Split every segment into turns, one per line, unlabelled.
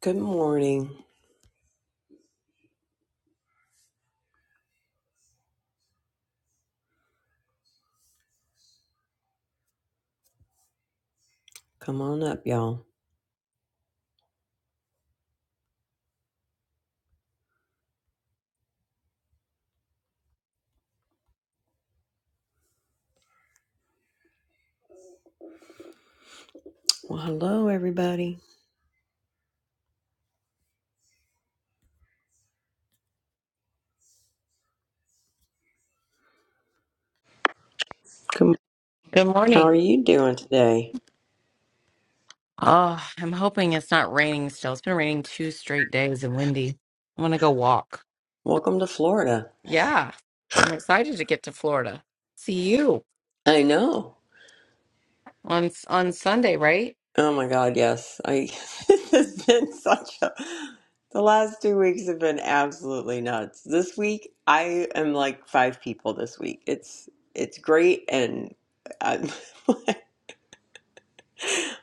Good morning. Come on up, y'all. Well, hello, everybody. Come.
Good
How are
morning.
you doing today?
Oh, I'm hoping it's not raining still. It's been raining two straight days and windy. I'm gonna go walk.
Welcome to Florida.
Yeah, I'm excited to get to Florida. See you
I know.
on on Sunday, right?
Oh my God, yes. I. this has been such a. The last two weeks have been absolutely nuts. This week, I am like five people. This week, it's it's great, and I'm,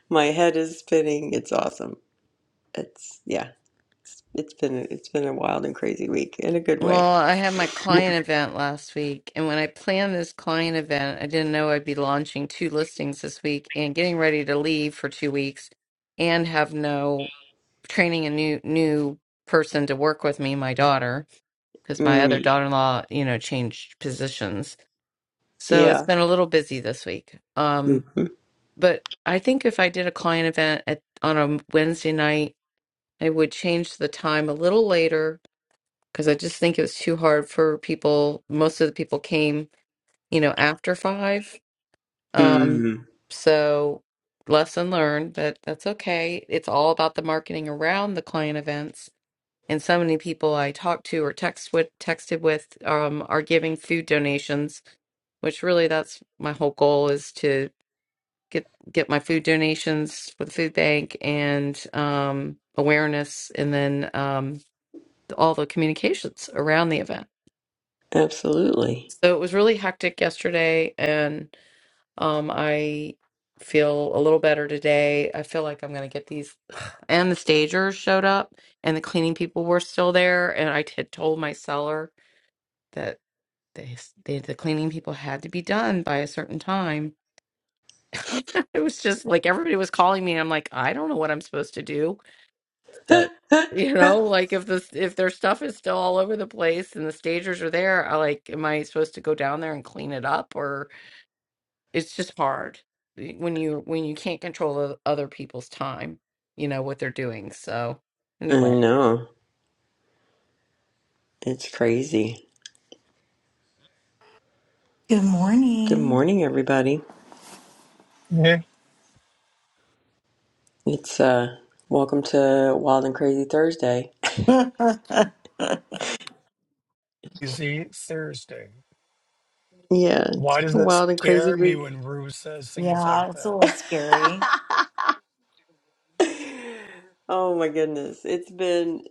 my head is spinning. It's awesome. It's yeah. It's, it's been it's been a wild and crazy week in a good
Well,
way.
I had my
Hello,
client event last week, and when I planned this client event, I didn't know I'd be launching two listings this week and getting ready to leave for two weeks and have no training a new new person to work with me, my daughter, because my
Mm.
other daughter-in-law, you know, changed positions. So it's
Yeah.
been a little busy this week. Um,
Mm-hmm.
but I think if I did a client event at on a Wednesday night, I would change the time a little later because I just think it was too hard for people. Most of the people came, you know, after five. Um,
Mm-hmm.
so lesson learned, but that's okay. It's all about the marketing around the client events. And so many people I talked to or text with, texted with um, are giving food donations which really that's my whole goal is to get get my food donations for the food bank and um, awareness, and then um, all the communications around the event.
Absolutely.
So it was really hectic yesterday, and um, I feel a little better today. I feel like I'm going to get these. And the stagers showed up, and the cleaning people were still there. And I had told my seller that they, they the cleaning people had to be done by a certain time. it was just like everybody was calling me. and I'm like, I don't know what I'm supposed to do.
I
that you know like if the if their stuff is still all over the place and the stagers are there i like am i supposed to go down there and clean it up or it's just hard when you when you can't control the other people's time you know what they're doing so anyway
know. It's crazy.
Good
Good
morning.
morning, everybody. It's uh welcome to Wild and Crazy Thursday.
yeah, it's a
Crazy Thursday.
Yeah, it's
Why
been
does
a
that
wild and crazy
scare me when
week.
Rue says things like
little
that?
scary.
oh my goodness. It's been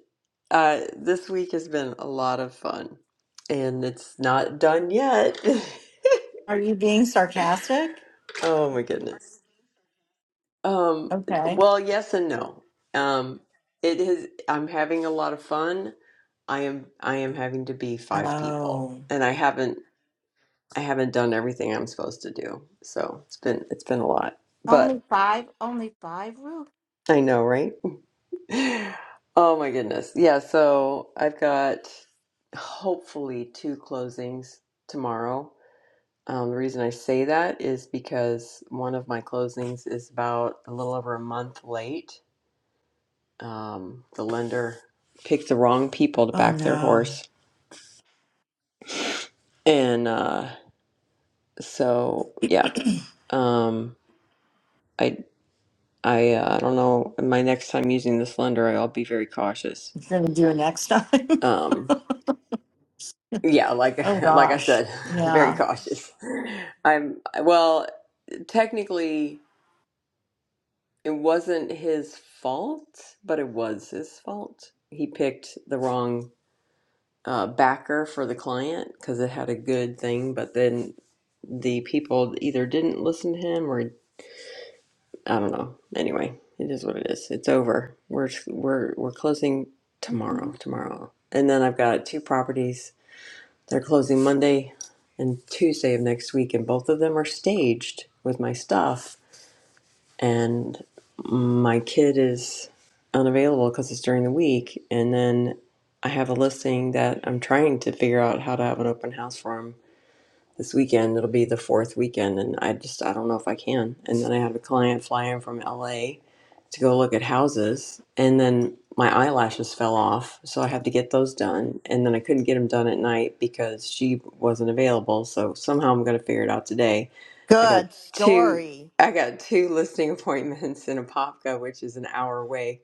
uh this week has been a lot of fun. And it's not done yet.
Are you being sarcastic?
oh my goodness. Um,
Okay.
well, yes and no. Um, it is, I'm having a lot of fun. I am I am having to be five people,
Oh,
and I haven't I haven't done everything I'm supposed to do. So it's been it's been a lot, but
Only five? Only five, Ruth?
I know, right? Oh my goodness. Yeah, so I've got hopefully two closings tomorrow. Um, the reason I say that is because one of my closings is about a little over a month late um, the lender picked the wrong people to
oh
back their
no.
horse, and uh, so yeah, um, I I uh, I don't know. My next time using this lender, I'll be very cautious.
You're going to do it next time?
Um, yeah, like
oh
like I
gosh.
said, very
Yeah.
cautious. I'm well, technically, it wasn't his fault, but it was his fault. He picked the wrong. uh, backer for the client because it had a good thing, but then the people either didn't listen to him or I don't know. Anyway, it is what it is. It's over. We're we're we're closing tomorrow. Tomorrow, and then I've got two properties. They're closing Monday and Tuesday of next week, and both of them are staged with my stuff and my kid is unavailable because it's during the week. And then I have a listing that I'm trying to figure out how to have an open house for him this weekend. It'll be the fourth weekend, and I just I don't know if I can. And then I have a client fly in from LA to go look at houses, and then my eyelashes fell off, so I had to get those done. And then I couldn't get them done at night because she wasn't available. So somehow I'm gonna figure it out today. I got
Good
two.
story.
I got two listing appointments in Apopka, which is an hour away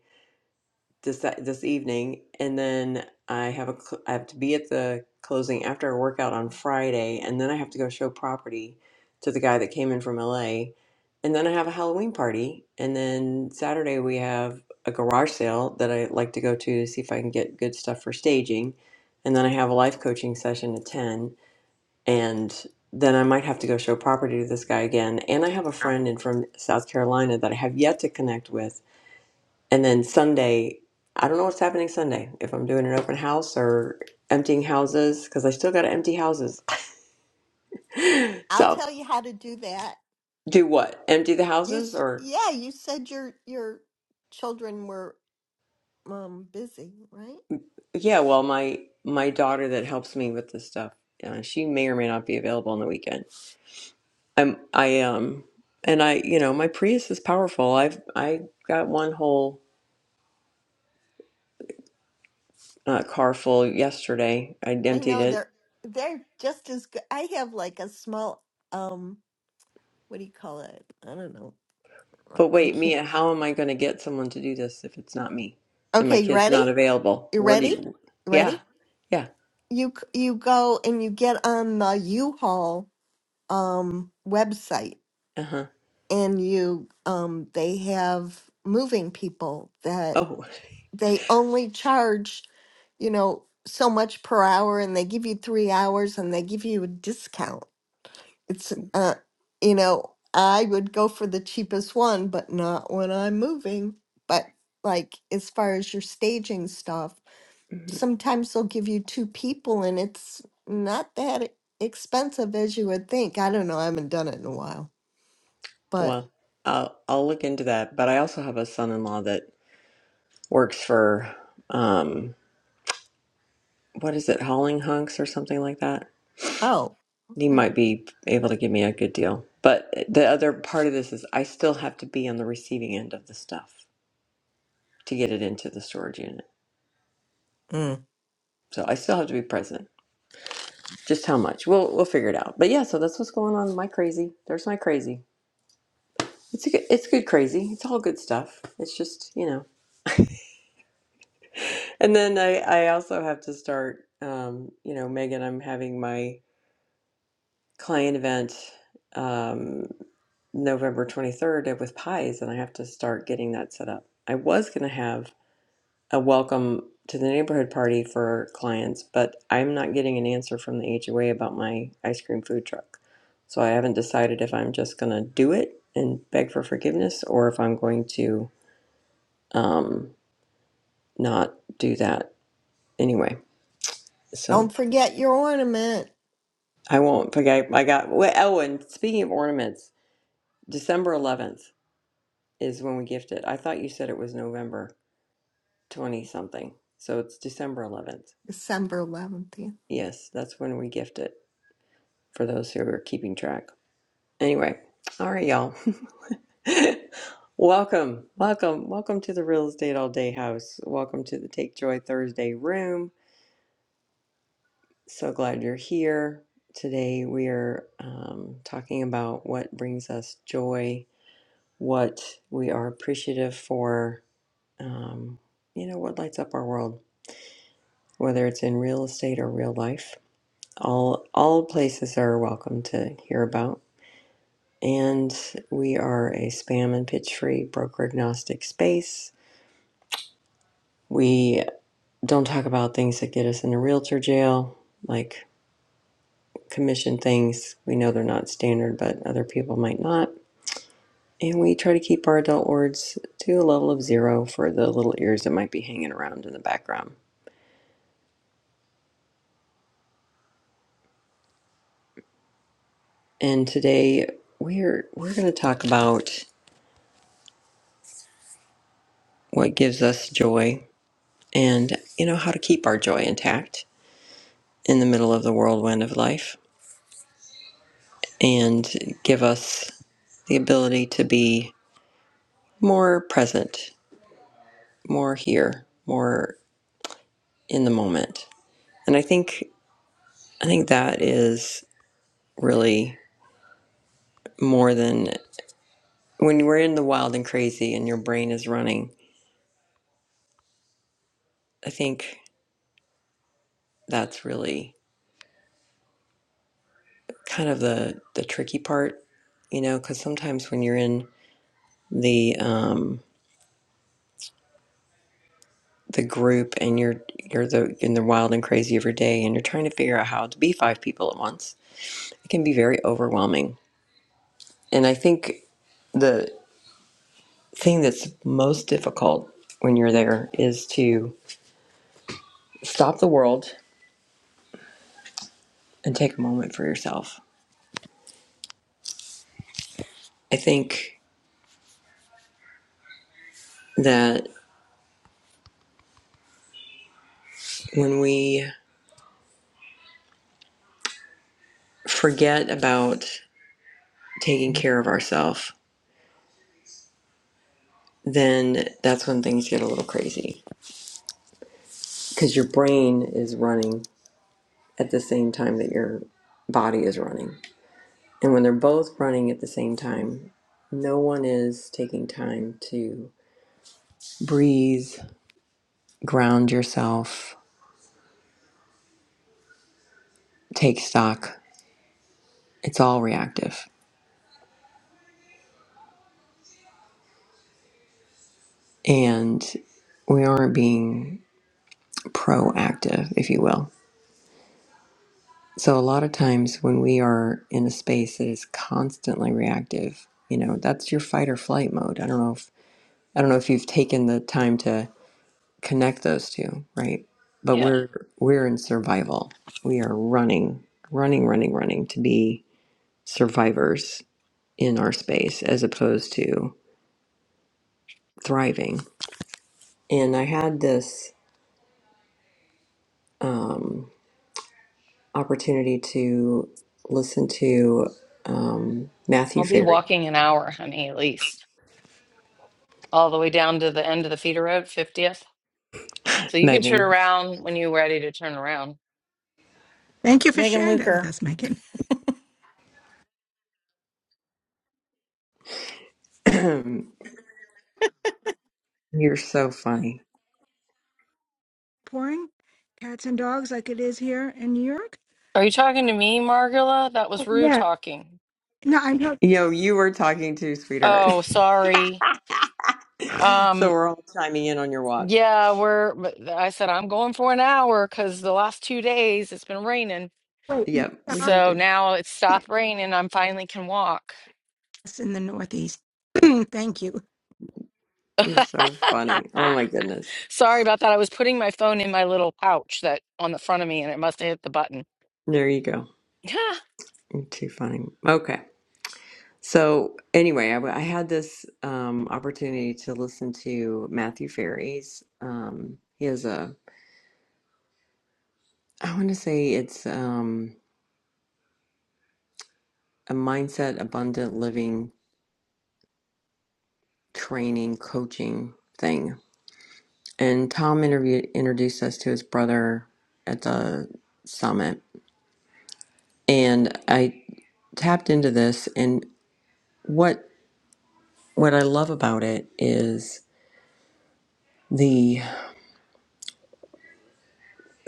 this uh, this evening, and then I have a cl- I have to be at the closing after a workout on Friday, and then I have to go show property to the guy that came in from LA, and then I have a Halloween party, and then Saturday we have a garage sale that I like to go to to see if I can get good stuff for staging, and then I have a life coaching session at ten, and then I might have to go show property to this guy again, and I have a friend in from South Carolina that I have yet to connect with and then Sunday, I don't know what's happening Sunday, if I'm doing an open house or emptying houses, because I still got to empty houses.
I'll
So
tell you how to do that.
do what? Empty the
You
houses
s-
or?
yeah, you said your your children were um busy, right?
Yeah, well, my my daughter that helps me with this stuff, uh, she may or may not be available on the weekend. I'm I um and I you know my Prius is powerful. I've I got one whole uh, car full yesterday. I
I
emptied
know
it
they're they're just as good. I have like a small um what do you call it? I don't know. I
But wait,
can't.
Mia, how am I going to get someone to do this if it's not me and my
Okay, you
kid's
ready?
not available?
You
What do
ready?
you?
You
Yeah,
ready?
yeah,
You c- you go and you get on the U-Haul um website
uh huh.
and you um they have moving people
Oh,
they only charge, you know, so much per hour and they give you three hours and they give you a discount. It's, uh, you know, I would go for the cheapest one, but not when I'm moving. But like as far as your staging stuff,
mhm.
sometimes they'll give you two people and it's not that e- expensive as you would think. I don't know. I haven't done it in a while, but
well, I'll I'll look into that. But I also have a son-in-law that works for um, what is it, hauling hunks or something like that.
oh,
He
okay.
might be able to give me a good deal. But the other part of this is I still have to be on the receiving end of the stuff to get it into the storage unit.
Mm.
So I still have to be present. Just how much? We'll we'll figure it out. But yeah, so that's what's going on. My crazy. There's my crazy. It's a good, it's good crazy. It's all good stuff. It's just you know. And then I I also have to start. Um, you know, Megan, I'm having my client event um, November 23rd with pies, and I have to start getting that set up. I was gonna have a welcome to the neighborhood party for clients, but I'm not getting an answer from the HOA about my ice cream food truck. So I haven't decided if I'm just going to do it and beg for forgiveness or if I'm going to um, not do that anyway. So
Don't forget your ornament.
I won't forget. I got, well, oh, and speaking of ornaments, December 11th is when we gift it. I thought you said it was November 20 something. So it's December 11th.
December 11th.
Yes, that's when we gift it for those who are keeping track. Anyway, all right, y'all. welcome, welcome, welcome to the Real Estate All Day House. Welcome to the Take Joy Thursday room. So glad you're here. Today we are um, talking about what brings us joy, what we are appreciative for, um, you know, what lights up our world, whether it's in real estate or real life. All all places are welcome to hear about. and we are a spam and pitch free broker agnostic space. We don't talk about things that get us into realtor jail, like commission things. We know they're not standard, but other people might not. And we try to keep our adult words to a level of zero for the little ears that might be hanging around in the background. And today we're we're going to talk about what gives us joy and you know how to keep our joy intact in the middle of the whirlwind of life and give us the ability to be more present, more here, more in the moment. And I think I think that is really more than when we're in the wild and crazy and your brain is running. I think that's really kind of the the tricky part, you know, cuz sometimes when you're in the um the group and you're you're the in the wild and crazy of your day and you're trying to figure out how to be five people at once, it can be very overwhelming And I think the thing that's most difficult when you're there is to stop the world and take a moment for yourself. I think that when we forget about taking care of ourselves, then that's when things get a little crazy because your brain is running at the same time that your body is running. And when they're both running at the same time, no one is taking time to breathe, ground yourself, take stock. It's all reactive. And we aren't being proactive, if you will. So, a lot of times when we are in a space that is constantly reactive, you know, that's your fight or flight mode. I don't know if I don't know if you've taken the time to connect those two, right? But
Yeah,
we're we're in survival. We are running, running, running, running to be survivors in our space as opposed to thriving. And I had this. um, opportunity to listen to um, Matthew
I'll be
Ferry.
walking an hour, honey, at least, all the way down to the end of the feeder road, 50th. So you can turn
Megan,
around when you're ready to turn around.
Thank you for
Megan
sharing that with
Luker.
us, Megan.
you're so funny.
Pouring cats and dogs like it is here in New York.
Are you talking to me, Margula? That was rude
Yeah.
talking.
No, I know
Yo, you were talking to sweetheart.
Oh, sorry. Um.
so we're all chiming in on your walk.
Yeah, we're, but I said I'm going for an hour because the last two days it's been raining.
Yep, we heard
So
you.
now it's stopped raining. I'm finally can walk.
it's in the Northeast. Thank you.
You're so funny. Oh my goodness.
Sorry about that. I was putting my phone in my little pouch that on the front of me and it must have hit the button.
There you go. You're too funny. Okay. So anyway, I, w- I had this um, opportunity to listen to Matthew Ferry's. Um, he has a, I want to say it's um, a mindset abundant living training coaching thing. And Tom interviewed introduced us to his brother at the summit. And I tapped into this and what what I love about it is the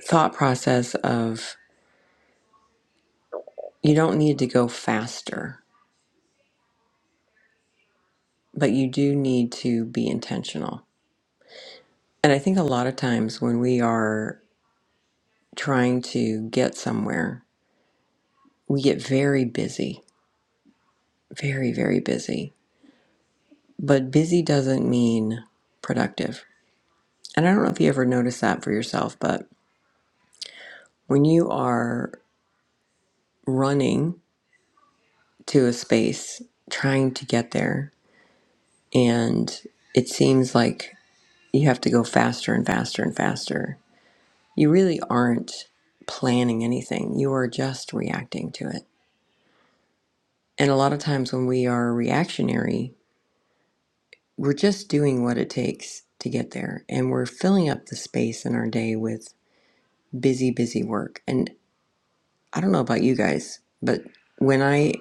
thought process of you don't need to go faster, but you do need to be intentional. And I think a lot of times when we are trying to get somewhere, we get very busy, very, very busy but busy doesn't mean productive. And I don't know if you ever noticed that for yourself, but when you are running to a space trying to get there, and it seems like you have to go faster and faster and faster, you really aren't planning anything. You are just reacting to it. And a lot of times when we are reactionary, we're just doing what it takes to get there. And we're filling up the space in our day with busy, busy work. and. I don't know about you guys, but when I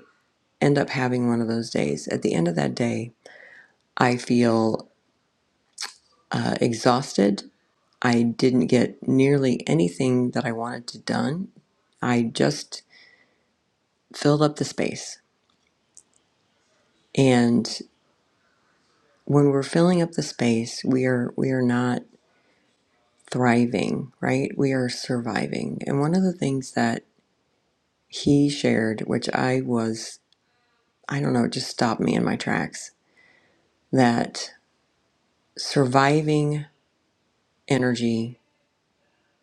end up having one of those days, at the end of that day, I feel uh, exhausted. I didn't get nearly anything that I wanted to done. I just filled up the space. And when we're filling up the space, we are we are not thriving, right? We are surviving. And one of the things that he shared, which I was I don't know, it just stopped me in my tracks, that surviving energy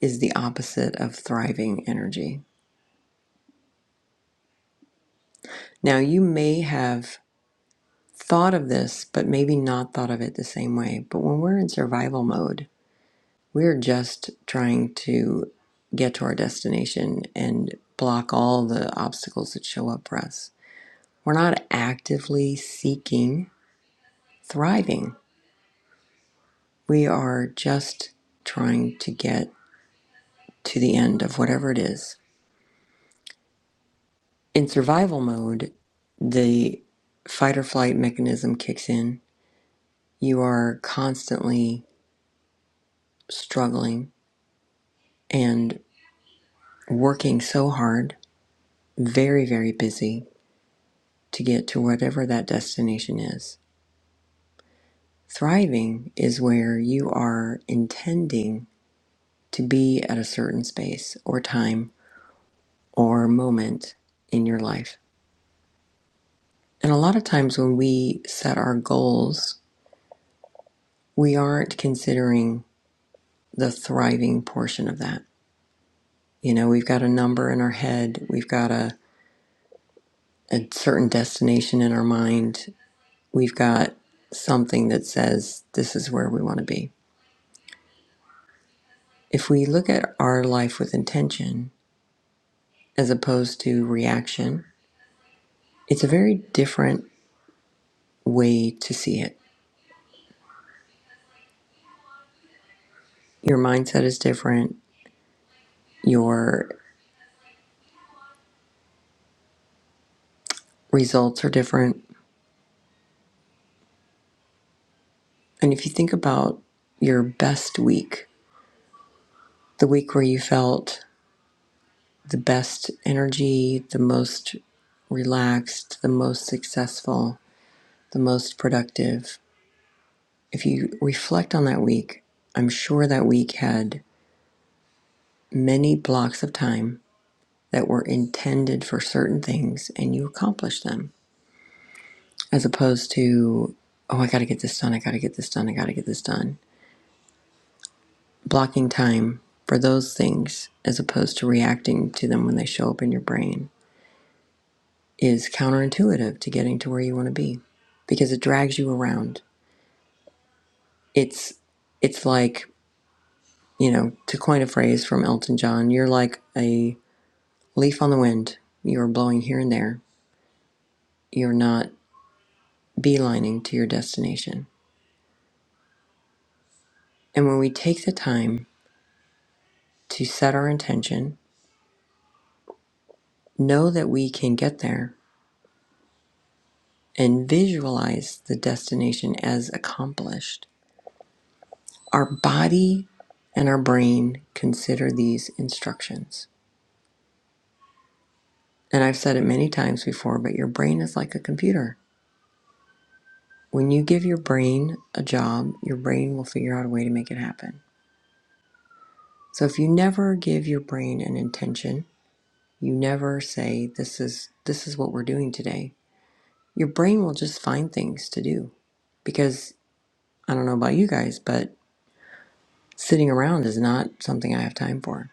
is the opposite of thriving energy. Now, you may have thought of this, but maybe not thought of it the same way. But when we're in survival mode, we're just trying to get to our destination and block all the obstacles that show up for us. We're not actively seeking thriving, we are just trying to get to the end of whatever it is in survival mode, the fight or flight mechanism kicks in. You are constantly struggling and working so hard, very, very busy to get to whatever that destination is. Thriving is where you are intending to be at a certain space or time or moment in your life. And a lot of times when we set our goals, we aren't considering the thriving portion of that You know, we've got a number in our head, we've got a, a certain destination in our mind, we've got something that says this is where we want to be. If we look at our life with intention as opposed to reaction, it's a very different way to see it. Your mindset is different, your results are different. And if you think about your best week, the week where you felt the best energy, the most relaxed, the most successful, the most productive. If you reflect on that week, I'm sure that week had many blocks of time that were intended for certain things and you accomplished them as opposed to, oh, I got to get this done, I got to get this done, I got to get this done. Blocking time for those things as opposed to reacting to them when they show up in your brain. is counterintuitive to getting to where you want to be because it drags you around. It's it's like, you know, to coin a phrase from Elton John, you're like a leaf on the wind. You're blowing here and there. You're not beelining to your destination. And when we take the time to set our intention, know that we can get there and visualize the destination as accomplished, our body and our brain consider these instructions And I've said it many times before, but your brain is like a computer. When you give your brain a job, your brain will figure out a way to make it happen. So if you never give your brain an intention, you never say this is this is what we're doing today, your brain will just find things to do. Because I don't know about you guys, but sitting around is not something I have time for.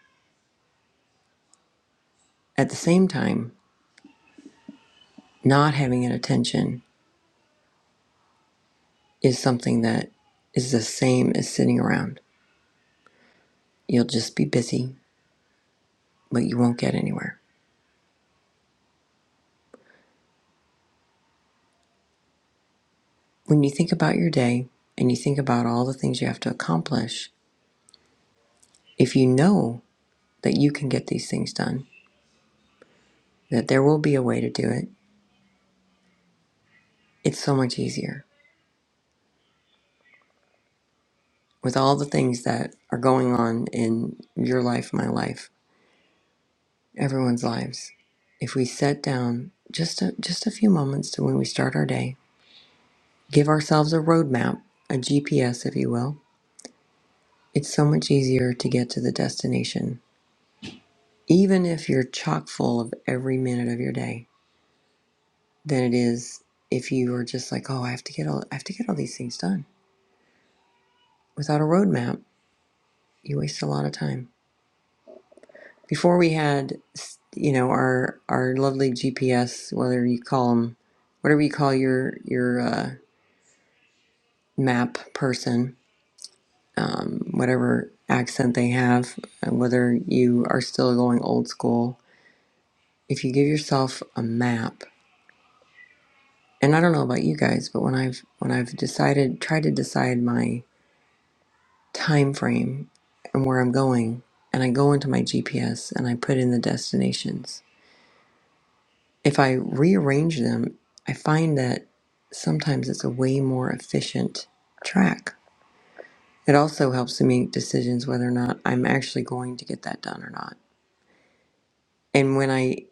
At the same time, not having an intention is something that is the same as sitting around. You'll just be busy but you won't get anywhere. When you think about your day and you think about all the things you have to accomplish, if you know that you can get these things done, that there will be a way to do it, it's so much easier. With all the things that are going on in your life, my life, everyone's lives, if we set down just a, just a few moments to when we start our day, give ourselves a roadmap, a GPS, if you will, it's so much easier to get to the destination, even if you're chock full of every minute of your day than it is if you are just like, oh, I have to get all I have to get all these things done without a roadmap. You waste a lot of time. Before we had, you know, our our lovely GPS, whether you call them, whatever you call your your uh, map person, um, whatever accent they have, and whether you are still going old school, if you give yourself a map, and I don't know about you guys, but when I've when I've decided, tried to decide my time frame and where I'm going, and I go into my GPS and I put in the destinations, if I rearrange them, I find that sometimes it's a way more efficient track. It also helps me make decisions whether or not I'm actually going to get that done or not. And when I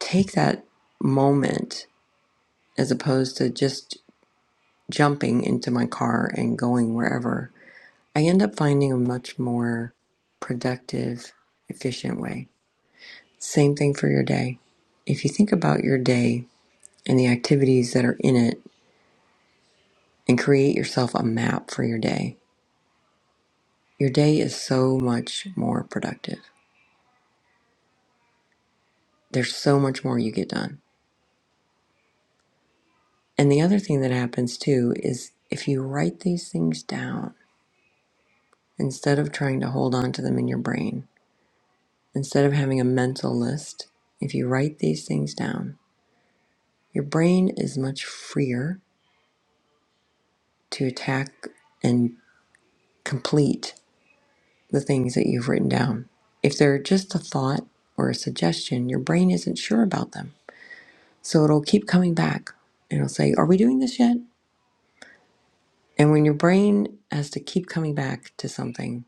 take that moment as opposed to just jumping into my car and going wherever, I end up finding a much more productive, efficient way. Same thing for your day. If you think about your day and the activities that are in it and create yourself a map for your day, your day is so much more productive. There's so much more you get done. And the other thing that happens too is if you write these things down instead of trying to hold on to them in your brain, instead of having a mental list, if you write these things down, your brain is much freer to attack and complete the things that you've written down. If they're just a thought or a suggestion, your brain isn't sure about them. So it'll keep coming back. It'll say, Are we doing this yet? And when your brain has to keep coming back to something,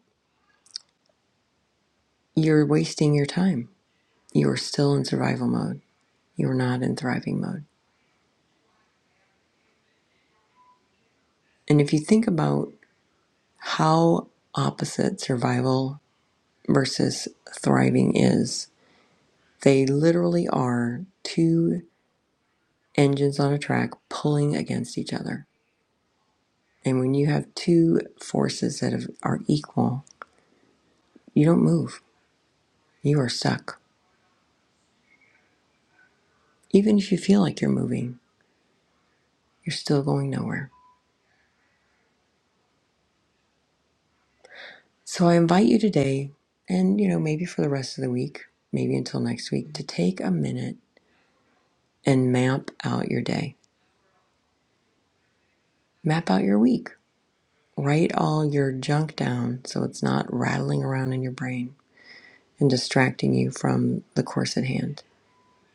you're wasting your time. You're still in survival mode. You're not in thriving mode. And if you think about how opposite survival versus thriving is, they literally are two engines on a track pulling against each other And when you have two forces that have, are equal, you don't move. You are stuck. Even if you feel like you're moving, you're still going nowhere. So I invite you today, and you know, maybe for the rest of the week, maybe until next week, to take a minute and map out your day, map out your week, write all your junk down so it's not rattling around in your brain and distracting you from the course at hand.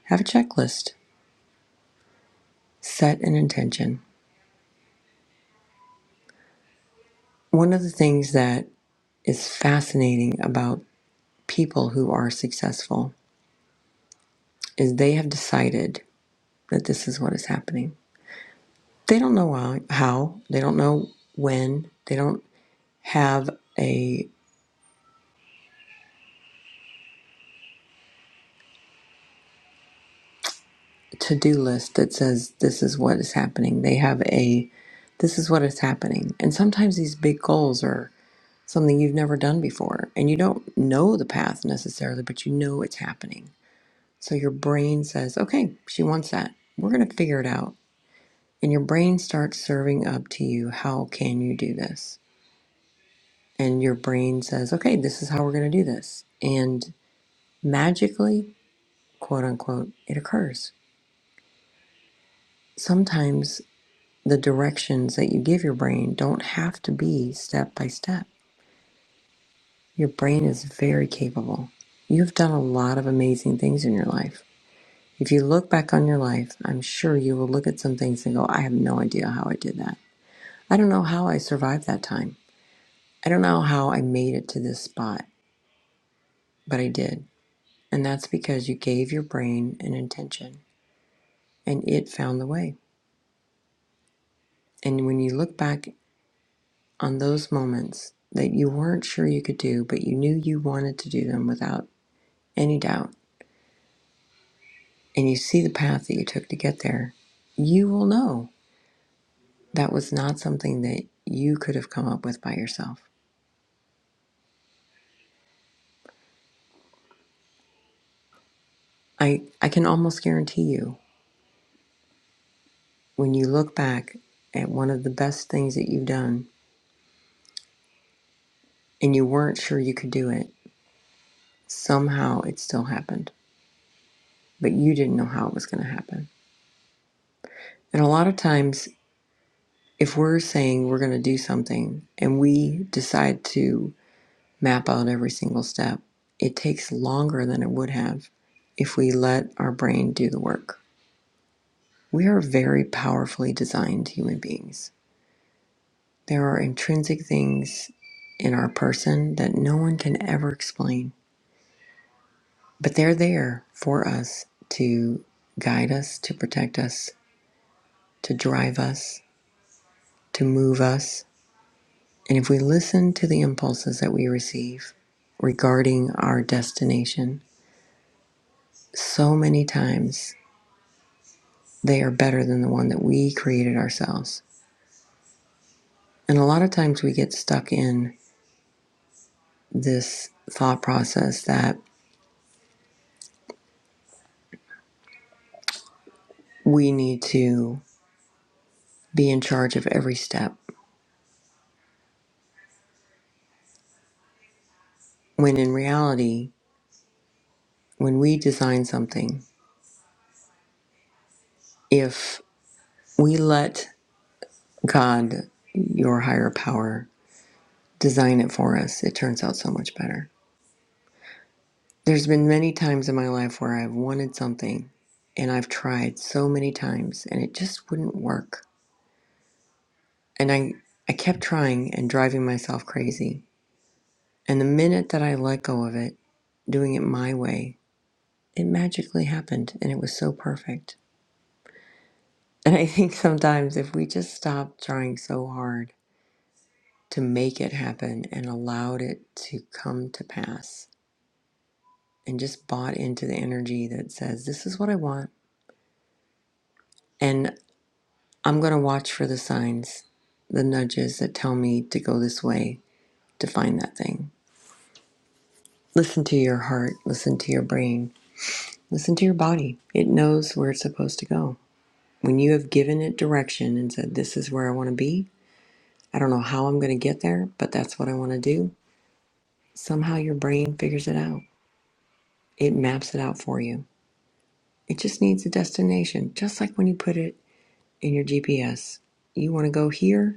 Have a checklist, set an intention. One of the things that is fascinating about people who are successful is they have decided that this is what is happening. They don't know how, they don't know when, they don't have a to do list that says this is what is happening. They have a this is what is happening. And sometimes these big goals are something you've never done before and you don't know the path necessarily, but you know it's happening. So your brain says, okay, she wants that. We're going to figure it out and your brain starts serving up to you how can you do this and your brain says okay this is how we're going to do this and magically quote unquote it occurs sometimes the directions that you give your brain don't have to be step by step your brain is very capable you've done a lot of amazing things in your life if you look back on your life i'm sure you will look at some things and go i have no idea how i did that i don't know how i survived that time i don't know how i made it to this spot but I did. And that's because you gave your brain an intention and it found the way. And when you look back on those moments that you weren't sure you could do, but you knew you wanted to do them without any doubt, and you see the path that you took to get there, you will know that was not something that you could have come up with by yourself. I, I can almost guarantee you, when you look back at one of the best things that you've done and you weren't sure you could do it, somehow it still happened but you didn't know how it was going to happen. And a lot of times, if we're saying we're going to do something and we decide to map out every single step, it takes longer than it would have if we let our brain do the work. We are very powerfully designed human beings. There are intrinsic things in our person that no one can ever explain, but they're there for us to guide us, to protect us, to drive us, to move us And if we listen to the impulses that we receive regarding our destination, so many times they are better than the one that we created ourselves. And a lot of times we get stuck in this thought process that we need to be in charge of every step. When in reality, when we design something, if we let God, your higher power, design it for us, it turns out so much better There's been many times in my life where I've wanted something and I've tried so many times and it just wouldn't work. And I, I kept trying and driving myself crazy. And the minute that I let go of it, doing it my way, it magically happened and it was so perfect. And I think sometimes if we just stop trying so hard to make it happen and allowed it to come to pass and just bought into the energy that says, This is what I want. and I'm going to watch for the signs, the nudges that tell me to go this way to find that thing. Listen to your heart, listen to your brain, listen to your body. It knows where it's supposed to go. When you have given it direction and said, This is where I want to be, I don't know how I'm going to get there, but that's what I want to do, somehow your brain figures it out. It maps it out for you. It just needs a destination, just like when you put it in your GPS. You want to go here,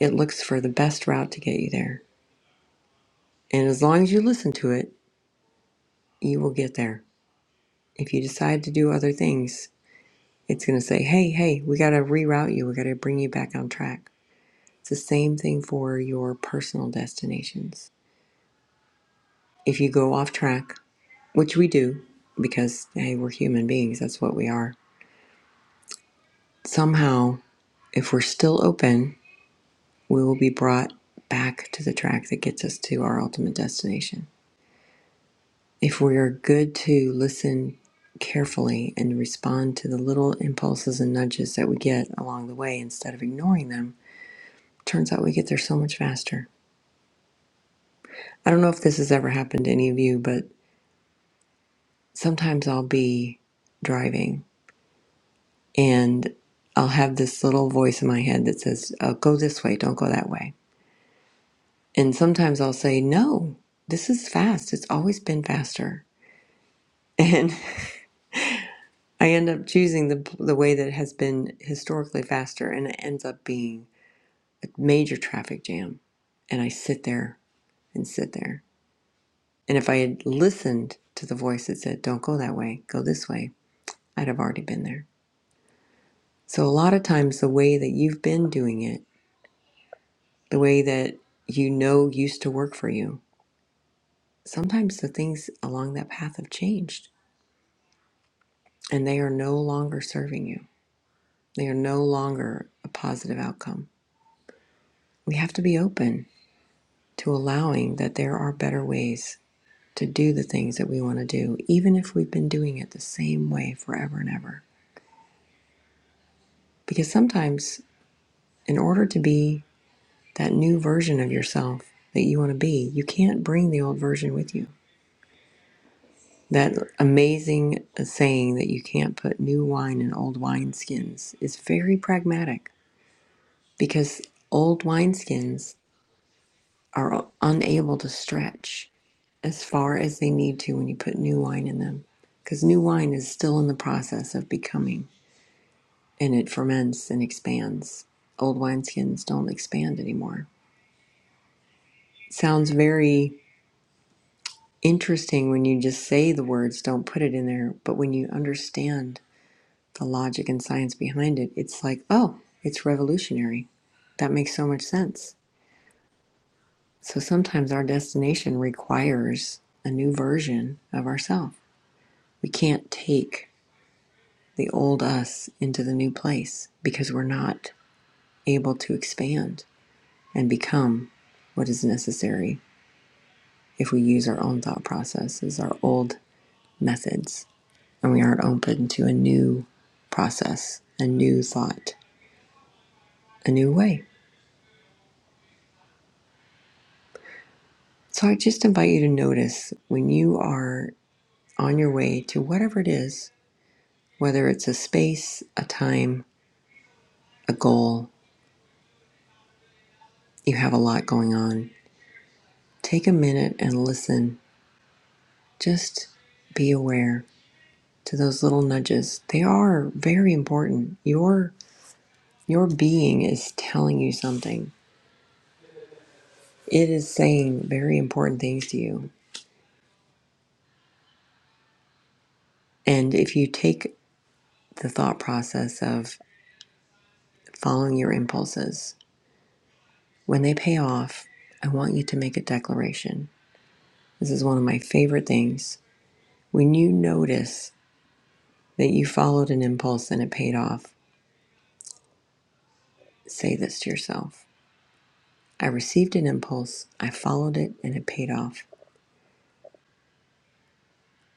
it looks for the best route to get you there And as long as you listen to it, you will get there. If you decide to do other things, it's going to say, hey, hey, we got to reroute you. We got to bring you back on track. It's the same thing for your personal destinations. If you go off track, which we do, because, hey, we're human beings, that's what we are. Somehow, if we're still open, we will be brought back to the track that gets us to our ultimate destination. If we are good to listen carefully and respond to the little impulses and nudges that we get along the way instead of ignoring them, turns out we get there so much faster. I don't know if this has ever happened to any of you, but sometimes I'll be driving and I'll have this little voice in my head that says, oh, Go this way, don't go that way. And sometimes I'll say, No, this is fast. It's always been faster. And I end up choosing the the way that has been historically faster, and it ends up being a major traffic jam. And I sit there and sit there. And if I had listened to the voice that said, "Don't go that way, go this way," I'd have already been there. So a lot of times, the way that you've been doing it, the way that you know used to work for you, sometimes the things along that path have changed, and they are no longer serving you. They are no longer a positive outcome. We have to be open to allowing that there are better ways to do the things that we want to do, even if we've been doing it the same way forever and ever. Because sometimes, in order to be that new version of yourself that you want to be, you can't bring the old version with you. That amazing saying that you can't put new wine in old wineskins is very pragmatic because old wineskins are unable to stretch as far as they need to when you put new wine in them. Because new wine is still in the process of becoming and it ferments and expands. Old wineskins don't expand anymore. It Sounds very interesting when you just say the words, don't put it in there. But when you understand the logic and science behind it, it's like, oh, it's revolutionary. That makes so much sense. So sometimes our destination requires a new version of ourselves. We can't take the old us into the new place because we're not able to expand and become what is necessary if we use our own thought processes, our old methods, and we aren't open to a new process, a new thought, a new way. So I just invite you to notice when you are on your way to whatever it is, whether it's a space, a time, a goal, you have a lot going on. Take a minute and listen. Just be aware to those little nudges. They are very important. Your your being is telling you something. It is saying very important things to you. And if you take the thought process of following your impulses, when they pay off, I want you to make a declaration. This is one of my favorite things. When you notice that you followed an impulse and it paid off, say this to yourself. I received an impulse, I followed it, and it paid off.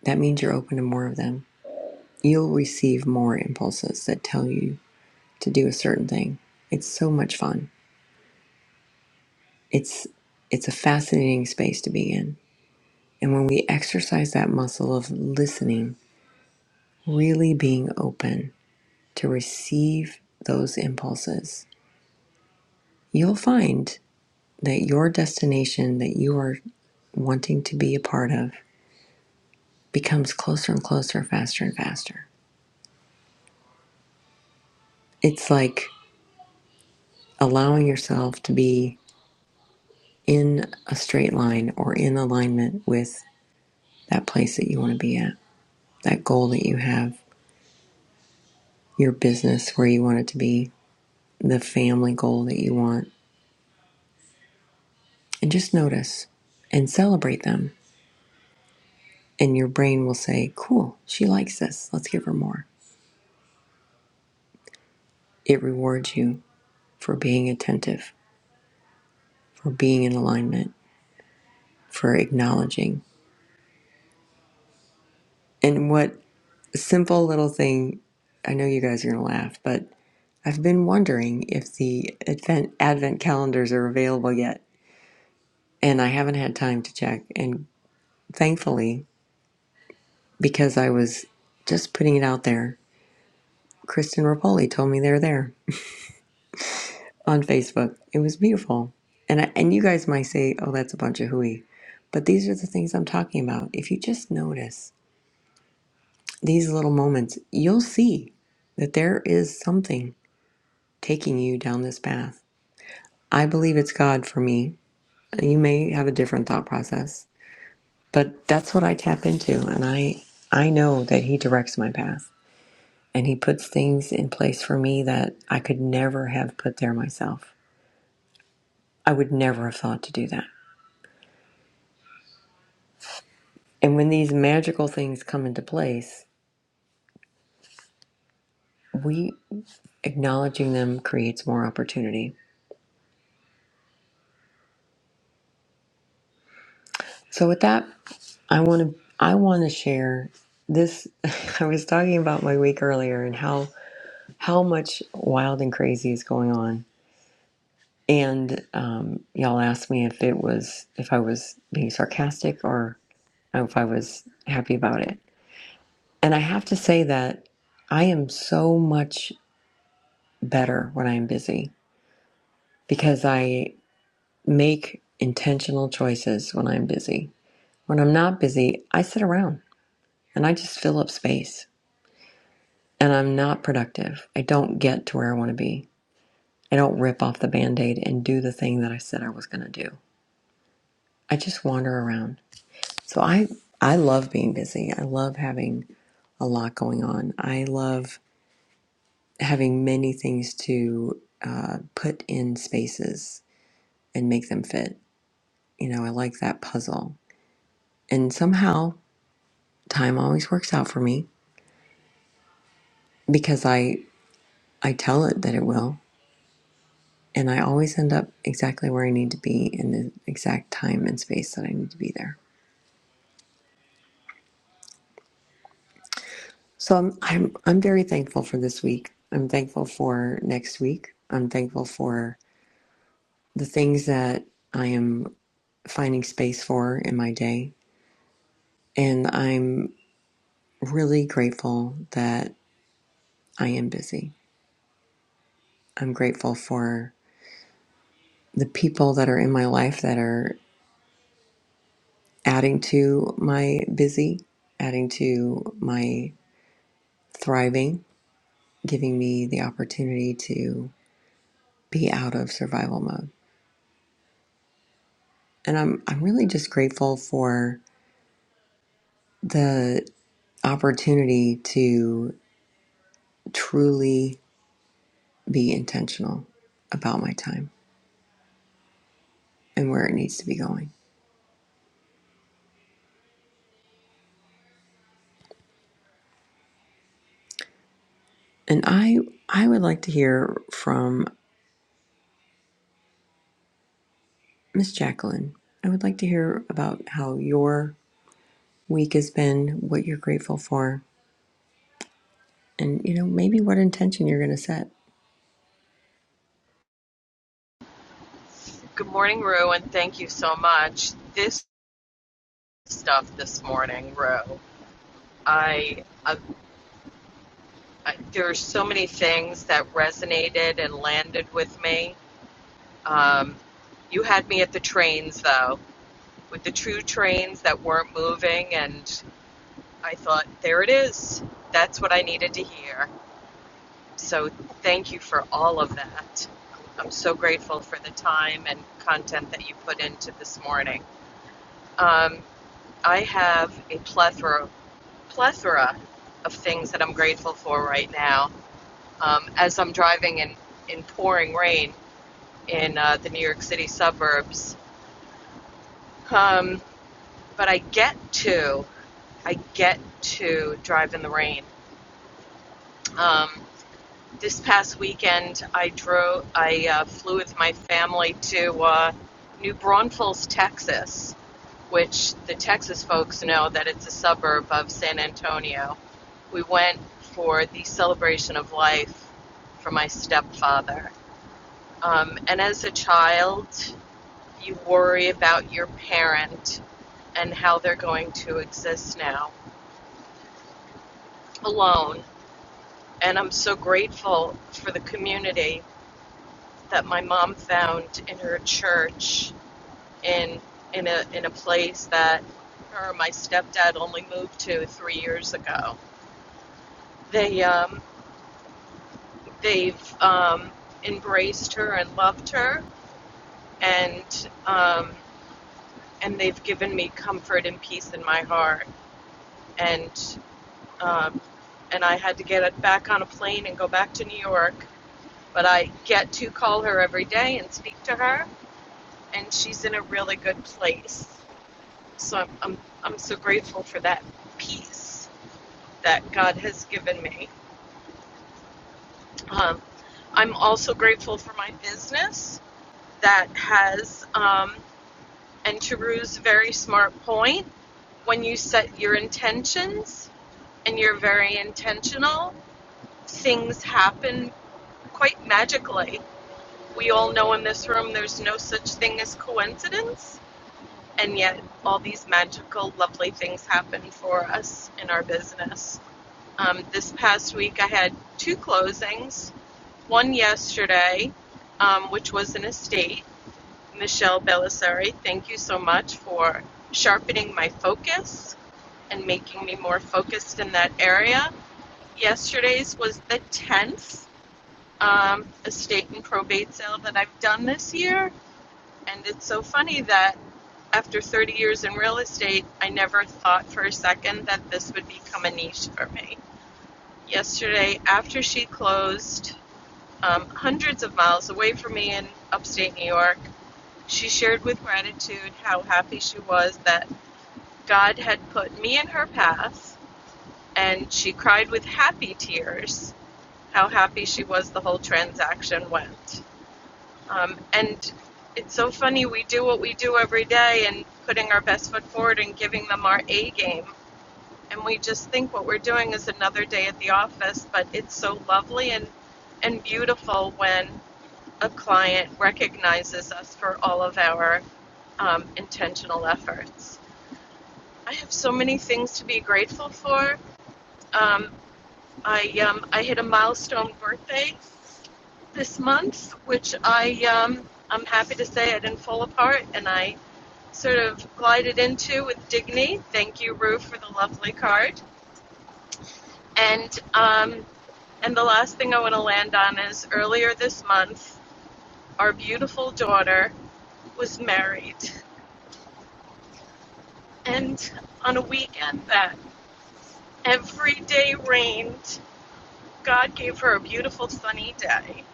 That means you're open to more of them. You'll receive more impulses that tell you to do a certain thing. It's so much fun. It's it's a fascinating space to be in. And when we exercise that muscle of listening, really being open to receive those impulses, you'll find that your destination that you are wanting to be a part of becomes closer and closer, faster and faster. It's like allowing yourself to be in a straight line or in alignment with that place that you want to be at, that goal that you have, your business where you want it to be, the family goal that you want. And just notice and celebrate them. And your brain will say, Cool, she likes this. Let's give her more. It rewards you for being attentive, for being in alignment, for acknowledging. And what a simple little thing, I know you guys are going to laugh, but I've been wondering if the advent, advent calendars are available yet. And I haven't had time to check. And thankfully, because I was just putting it out there, Kristen Rapoli told me they're there on Facebook. It was beautiful. And, I, and you guys might say, oh, that's a bunch of hooey. But these are the things I'm talking about. If you just notice these little moments, you'll see that there is something taking you down this path. I believe it's God for me. You may have a different thought process, but that's what I tap into. And I, I know that He directs my path. and he puts things in place for me that I could never have put there myself. I would never have thought to do that. And when these magical things come into place, we acknowledging them creates more opportunity. So with that, I want to I want to share this I was talking about my week earlier and how how much wild and crazy is going on. And um, y'all asked me if it was if I was being sarcastic or if I was happy about it. And I have to say that I am so much better when I'm busy because I make intentional choices when I'm busy. When I'm not busy, I sit around and I just fill up space and I'm not productive. I don't get to where I want to be. I don't rip off the band-aid and do the thing that I said I was going to do. I just wander around. So I I love being busy. I love having a lot going on. I love having many things to uh, put in spaces and make them fit. You know, I like that puzzle. And somehow time always works out for me because I I tell it that it will, and I always end up exactly where I need to be in the exact time and space that I need to be there. So I'm I'm I'm very thankful for this week. I'm thankful for next week. I'm thankful for the things that I am finding space for in my day. And I'm really grateful that I am busy. I'm grateful for the people that are in my life that are adding to my busy, adding to my thriving, giving me the opportunity to be out of survival mode. And I'm I'm really just grateful for the opportunity to truly be intentional about my time and where it needs to be going. And I I would like to hear from Miss Jacqueline, I would like to hear about how your week has been, what you're grateful for, and you know, maybe what intention you're going to set.
Good morning, Rue, and thank you so much. This stuff this morning, Rue. I, I, I there are so many things that resonated and landed with me. Um, you had me at the trains though, with the two trains that weren't moving, and I thought, there it is. That's what I needed to hear. So thank you for all of that. I'm so grateful for the time and content that you put into this morning. Um, I have a plethora plethora of things that I'm grateful for right now. Um, as I'm driving in, in pouring rain in uh, the New York City suburbs, um, but I get to I get to drive in the rain. Um, This past weekend, I drove. I uh, flew with my family to uh, New Braunfels, Texas, which the Texas folks know that it's a suburb of San Antonio. We went for the celebration of life for my stepfather. Um, and as a child, you worry about your parent and how they're going to exist now alone. And I'm so grateful for the community that my mom found in her church in in a in a place that her and my stepdad only moved to three years ago. They um, they've um, embraced her and loved her, and um, and they've given me comfort and peace in my heart. And um, and I had to get back on a plane and go back to New York, but I get to call her every day and speak to her, and she's in a really good place. So I'm, I'm, I'm so grateful for that peace that God has given me. Um, I'm also grateful for my business that has, um, and to Rue's very smart point, when you set your intentions and you're very intentional, things happen quite magically. We all know in this room there's no such thing as coincidence, and yet all these magical, lovely things happen for us in our business. Um, this past week, I had two closings. One yesterday, um, which was an estate. Michelle Belisari, thank you so much for sharpening my focus and making me more focused in that area. Yesterday's was the 10th um, estate and probate sale that I've done this year. And it's so funny that after 30 years in real estate, I never thought for a second that this would become a niche for me. yesterday after she closed um, hundreds of miles away from me in upstate New York. She shared with gratitude how happy she was that God had put me in her path, and she cried with happy tears how happy she was the whole transaction went. Um, and it's so funny, we do what we do every day and putting our best foot forward and giving them our A game and we just think what we're doing is another day at the office, but it's so lovely and and beautiful when a client recognizes us for all of our um, intentional efforts. I have so many things to be grateful for. Um, I um, I hit a milestone birthday this month, which I um, I'm happy to say I didn't fall apart, and I sort of glided into with dignity. Thank you, Rue, for the lovely card. And um, And the last thing I want to land on is earlier this month, our beautiful daughter was married. And on a weekend that every day rained, God gave her a beautiful sunny day.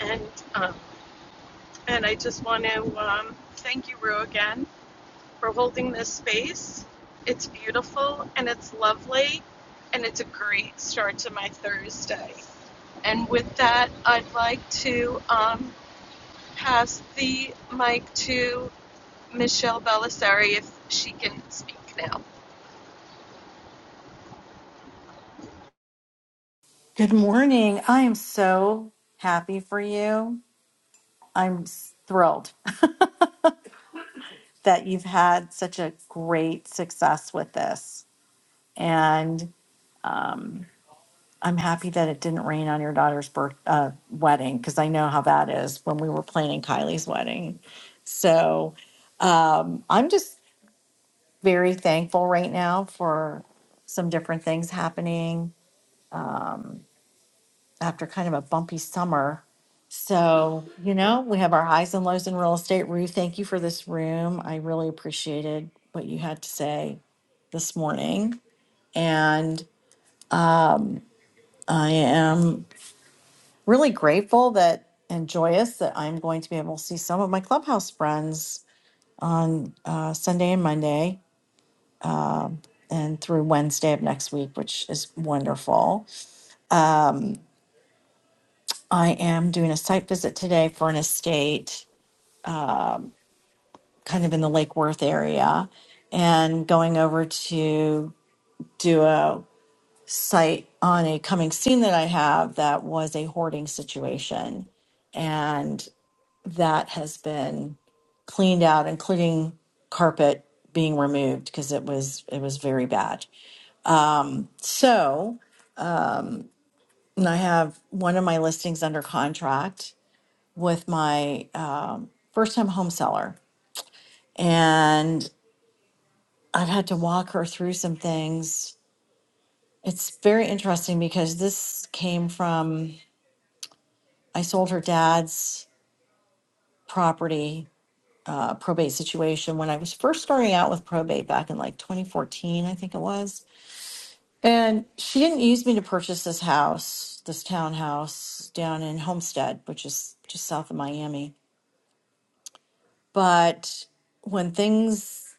And um, and I just want to um, thank you, Rue, again for holding this space. It's beautiful and it's lovely, and it's a great start to my Thursday. And with that, I'd like to um, pass the mic to Michelle Belisari if she can speak now.
Good morning. I am so happy for you. I'm s- thrilled that you've had such a great success with this. And um, I'm happy that it didn't rain on your daughter's birth uh, wedding because I know how that is when we were planning Kylie's wedding. So um, I'm just very thankful right now for some different things happening um, after kind of a bumpy summer. So, you know, we have our highs and lows in real estate. Rue, thank you for this room. I really appreciated what you had to say this morning. And um, I am really grateful that and joyous that I'm going to be able to see some of my clubhouse friends on uh, Sunday and Monday uh, and through Wednesday of next week, which is wonderful. I am doing a site visit today for an estate kind of in the Lake Worth area and going over to do a site on a coming scene that I have that was a hoarding situation. and. that has been cleaned out, including carpet being removed because it was it was very bad. So, and I have one of my listings under contract with my uh, first time home seller, and I've had to walk her through some things. It's very interesting because this came from I sold her dad's property uh, probate situation when I was first starting out with probate back in like 2014, I think it was And she didn't use me to purchase this house, this townhouse down in Homestead, which is just south of Miami. But when things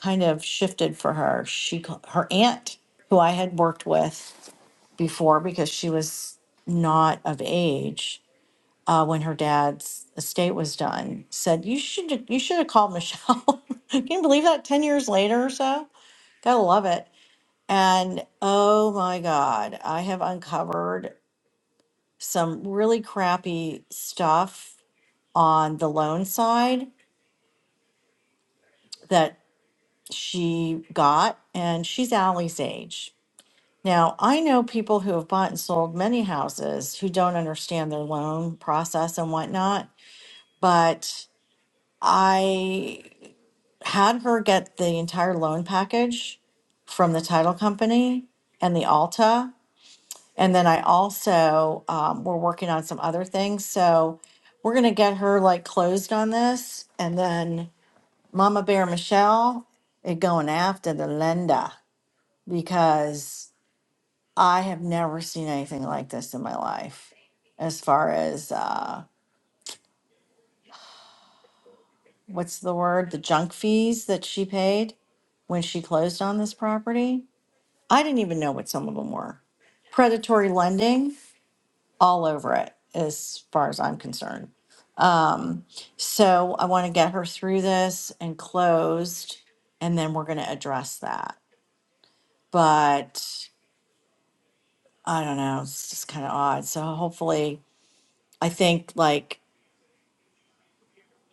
kind of shifted for her, she ca- her aunt, who I had worked with before because she was not of age uh, when her dad's estate was done, said you should you should have called Michelle. Can you believe that? Ten years later or so, gotta love it. And oh my God, I have uncovered some really crappy stuff on the loan side that she got, and she's Allie's age. Now, I know people who have bought and sold many houses who don't understand their loan process and whatnot, but I had her get the entire loan package from the title company and the Alta. And then I also, um, we're working on some other things. So we're going to get her like closed on this. And then Mama Bear Michelle is going after the Linda because I have never seen anything like this in my life. As far as uh, what's the word? The junk fees that she paid when she closed on this property. I didn't even know what some of them were. Predatory lending all over it, as far as I'm concerned. So I want to get her through this and closed, and then we're going to address that. But I don't know, it's just kind of odd. So hopefully, I think like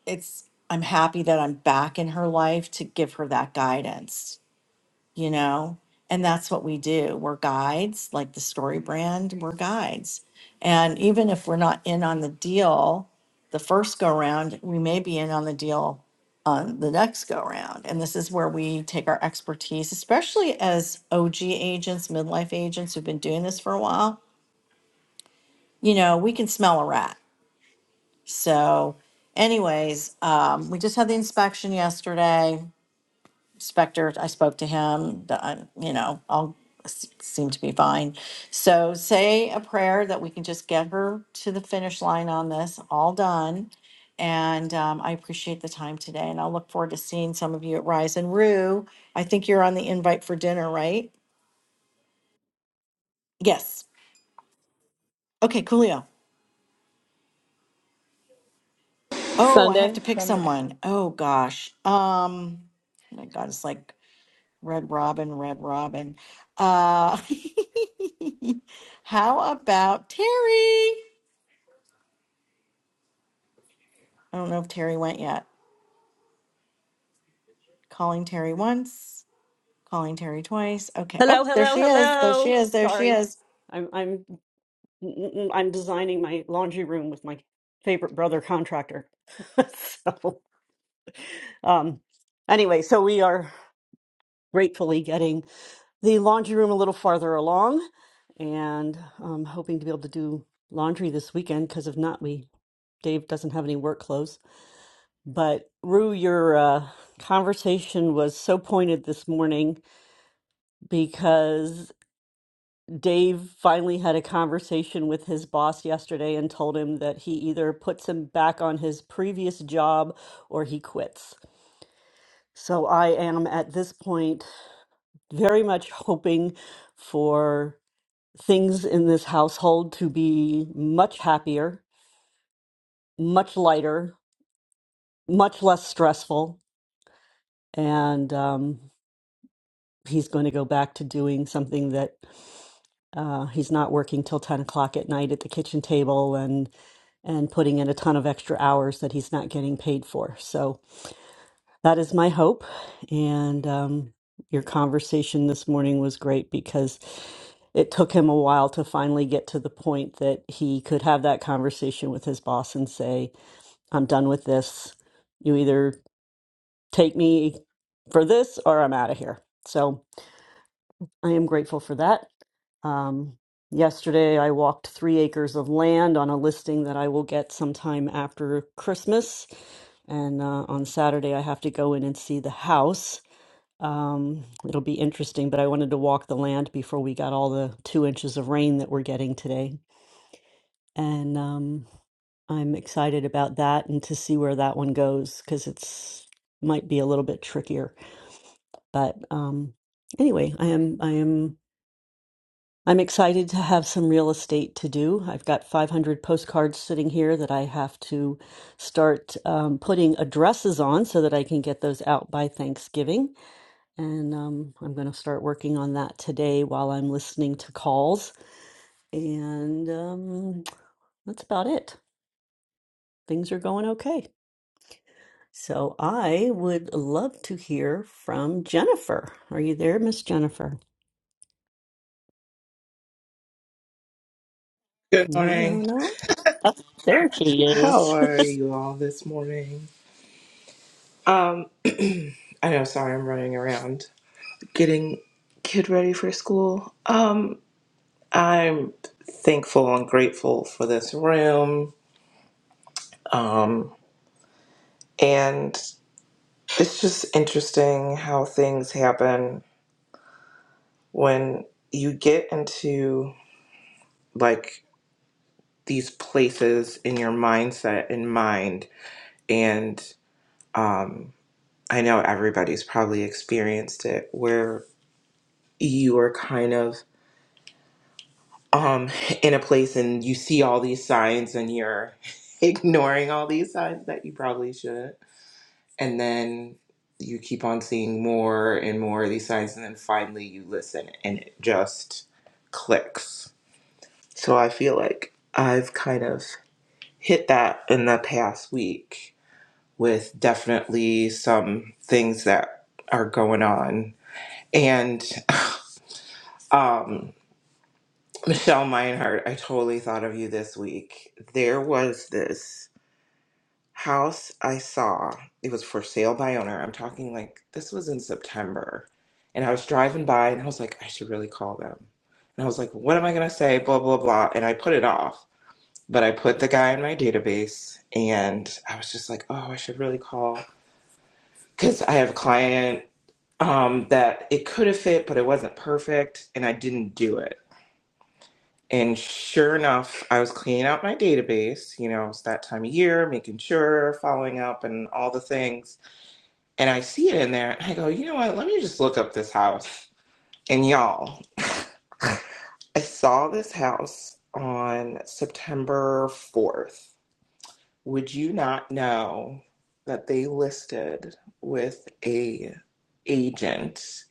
it's, I'm happy that I'm back in her life to give her that guidance you know and that's what we do we're guides like the story brand we're guides and even if we're not in on the deal the first go round we may be in on the deal on the next go round and this is where we take our expertise especially as og agents midlife agents who've been doing this for a while you know we can smell a rat so anyways um, we just had the inspection yesterday Spector, I spoke to him, the- I- you know, all s- seemed to be fine. So say a prayer that we can just get her to the finish line on this, all done. And um, I appreciate the time today and I'll look forward to seeing some of you at Rise and Rue. I think you're on the invite for dinner, right? Yes. Okay, coolio. Oh, I have
Sunday.
to pick someone. Oh gosh. Um, oh my God, it's like Red Robin, Red Robin. Uh, how about Terry? I don't know if Terry went yet. Calling Terry once, calling Terry twice. Okay. Oh, there
hello,
she is. There she
hello.
is. There she
Sorry,
is.
I'm I'm I'm designing my laundry room with my favorite brother contractor. so, um, anyway, so we are gratefully getting the laundry room a little farther along, and um, hoping to be able to do laundry this weekend. Because if not, we Dave doesn't have any work clothes. But Rue, your uh, conversation was so pointed this morning because Dave finally had a conversation with his boss yesterday and told him that he either puts him back on his previous job or he quits. So I am at this point very much hoping for things in this household to be much happier, much lighter, much less stressful. And um, he's going to go back to doing something that Uh, he's not working till 10 o'clock at night at the kitchen table and and putting in a ton of extra hours that he's not getting paid for. So that is my hope. And um, your conversation this morning was great because it took him a while to finally get to the point that he could have that conversation with his boss and say, I'm done with this. You either take me for this or I'm out of here. So I am grateful for that. Um, yesterday, I walked three acres of land on a listing that I will get sometime after Christmas. And uh, on Saturday, I have to go in and see the house. Um, it'll be interesting, but I wanted to walk the land before we got all the two inches of rain that we're getting today. And um, I'm excited about that and to see where that one goes because it's might be a little bit trickier. But um, anyway, I am I am I'm excited to have some real estate to do. I've got 500 postcards sitting here that I have to start um, putting addresses on so that I can get those out by Thanksgiving. And um, I'm going to start working on that today while I'm listening to calls. And um, that's about it. Things are going okay. So I would love to hear from Jennifer. Are you there, Miss Jennifer?
Good
No, no,
morning.
no. Oh, there she is.
How are you all this morning? Um, I know, sorry, I'm running around getting kid ready for school. Um, I'm thankful and grateful for this room. Um, and it's just interesting how things happen when you get into like these places in your mindset and mind and um I know everybody's probably experienced it where you are kind of um in a place and you see all these signs and you're ignoring all these signs that you probably shouldn't and then you keep on seeing more and more of these signs and then finally you listen and it just clicks so i feel like i've kind of hit that in the past week with definitely some things that are going on and um Michelle Meinhardt, I totally thought of you this week. There was this house I saw. It was for sale by owner. I'm talking like this was in September. And I was driving by and I was like, I should really call them. And I was like, what am I going to say? Blah, blah, blah. And I put it off. But I put the guy in my database and I was just like, oh, I should really call. Because I have a client um, that it could have fit, but it wasn't perfect. And I didn't do it. And sure enough, I was cleaning out my database. You know, it's that time of year, making sure, following up, and all the things. And I see it in there. And I go, you know what? Let me just look up this house. And y'all, I saw this house on September 4th. Would you not know that they listed with a agent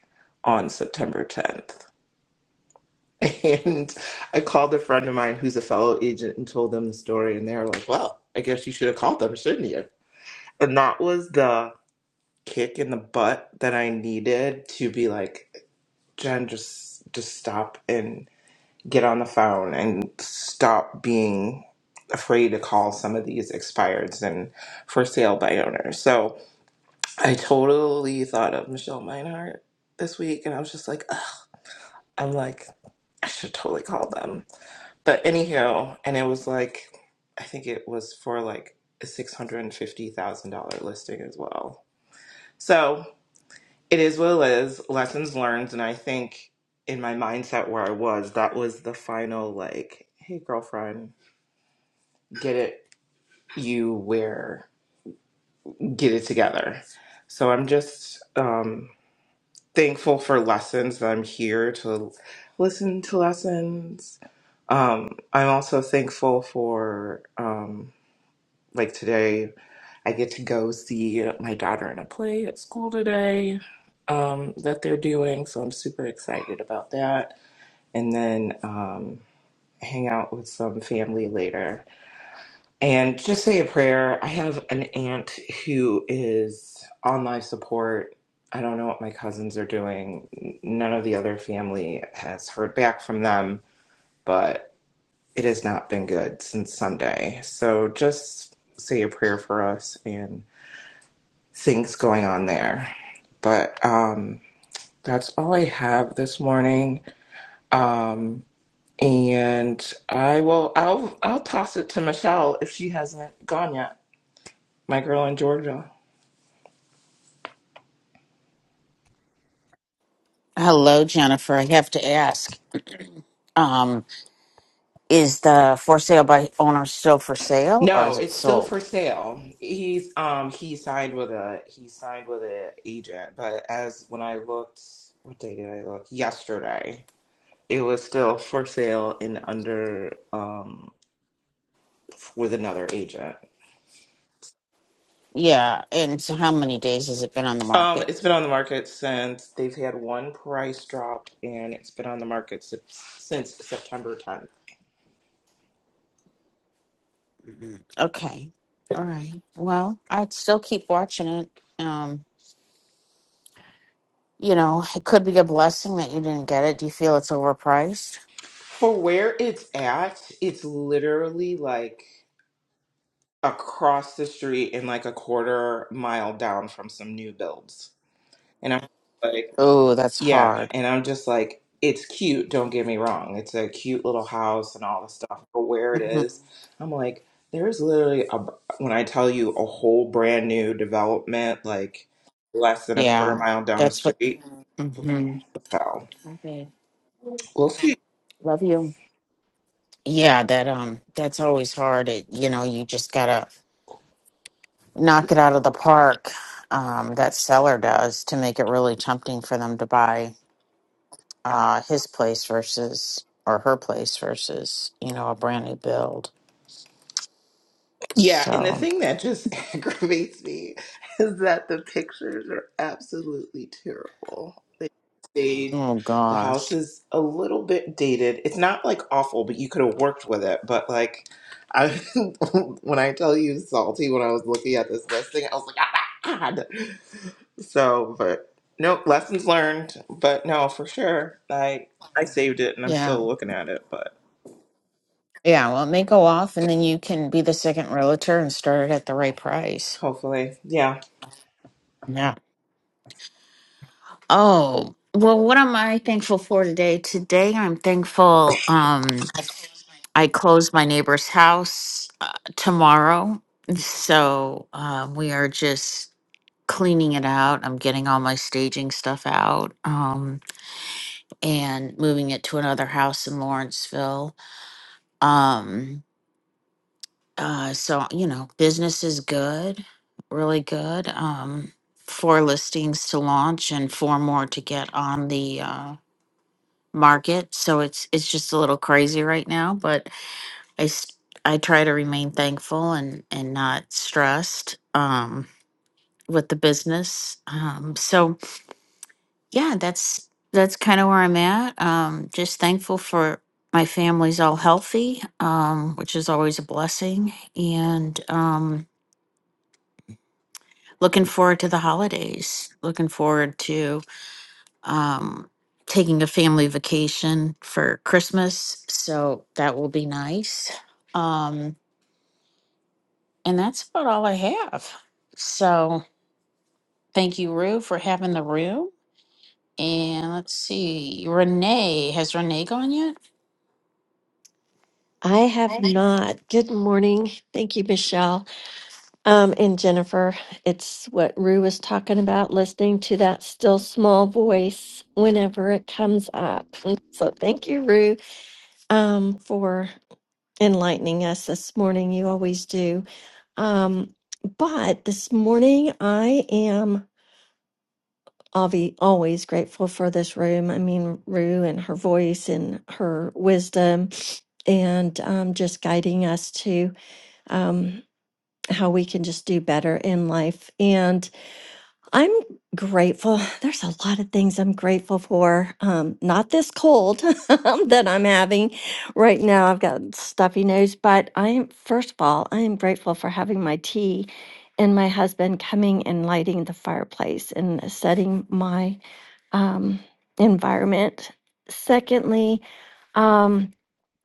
on September 10th? And I called a friend of mine who's a fellow agent and told them the story, and they were like, "Well, I guess you should have called them, shouldn't you?" And that was the kick in the butt that I needed to be like, Jen, just just stop and get on the phone and stop being afraid to call some of these expireds and for sale by owners. So I totally thought of Michelle Meinhardt this week, and I was just like, Ugh. I'm like, I should totally call them. But anyhow, and it was like, I think it was for like a $650,000 listing as well. So it is what it is, lessons learned. And I think in my mindset where I was, that was the final, like, hey, girlfriend, get it, you where, get it together. So I'm just um, thankful for lessons that I'm here to listen to lessons. Um, I'm also thankful for. Um, Like today, I get to go see my daughter in a play at school today um, that they're doing. So I'm super excited about that. And then um, hang out with some family later. And just say a prayer. I have an aunt who is on life support. I don't know what my cousins are doing. N- None of the other family has heard back from them, but it has not been good since Sunday. So just say a prayer for us things going on there. But um, that's all I have this morning. Um, and I will I'll I'll toss it to Michelle if she hasn't gone yet. My girl in Georgia.
Hello, Jennifer. I have to ask, um, is the for sale by owner still for sale or
No,
is it
it's still for
sold?
sale. He's um he signed with a he signed with an agent, but as when I looked, what day did I look? Yesterday, it was still for sale and under um with another agent.
Yeah, and so how many days has it been on the
Um,
market?
it's been on the market since they've had one price drop, and it's been on the market si- since September 10th.
Okay. All right. Well, I'd still keep watching it. Um, you know, it could be a blessing that you didn't get it. Do you feel it's overpriced?
For where it's at, it's literally like across the street and like a quarter mile down from some new builds. And I'm like,
Oh, that's
Yeah,
hard.
and I'm just like, it's cute, don't get me wrong. It's a cute little house and all the stuff, but where it
hmm
is, I'm like, there's literally a, when I tell you a whole brand new development, like less than a quarter
Yeah,
mile down the
that's what.
street.
hmm
So
Okay.
we'll see.
Love you. Yeah, that um, that's always hard. It, you know, you just gotta knock it out of the park um, that seller does to make it really tempting for them to buy uh, his place versus or her place versus you know a brand new build
Yeah, and the
so
thing that just aggravates me is that the pictures are absolutely terrible. They stayed,
oh
the house
gosh
is a little bit dated. It's not like awful, but you could have worked with it. But like, I when I tell you salty, when I was looking at this listing, I was like, ah, God. So, but nope, lessons learned. But no, for sure, I I saved it and I'm
yeah
still looking at it. But
yeah well it may go off and then you can be the second realtor and start it at the right price
hopefully, yeah.
yeah oh well what am i thankful for today today i'm thankful Um, I close my neighbor's house uh, tomorrow. So um, we are just cleaning it out. I'm getting all my staging stuff out um, and moving it to another house in Lawrenceville. Um, uh, so, you know, business is good, really good. Um, four listings to launch and four more to get on the uh, market. So it's it's just a little crazy right now, but I s- I try to remain thankful and and not stressed um with the business. Um so yeah, that's that's kind of where I'm at. Um just thankful for my family's all healthy, um which is always a blessing and um looking forward to the holidays. Looking forward to um taking a family vacation for Christmas, so that will be nice. Um And that's about all I have. So thank you, Rue, for having the room. And let's see, Renee, has Renee gone yet?
I have not. Good morning. Thank you, Michelle. Um, and Jennifer, it's what Rue was talking about, listening to that still small voice whenever it comes up. So thank you, Rue, um, for enlightening us this morning. You always do. Um, but this morning I am obvi- always grateful for this room. I mean, Rue and her voice and her wisdom and um, just guiding us to um, how we can just do better in life. And I'm grateful. There's a lot of things I'm grateful for. Um, not this cold that I'm having right now. I've got stuffy nose, but I am, first of all, I am grateful for having my tea and my husband coming and lighting the fireplace and setting my um, environment. Secondly, um,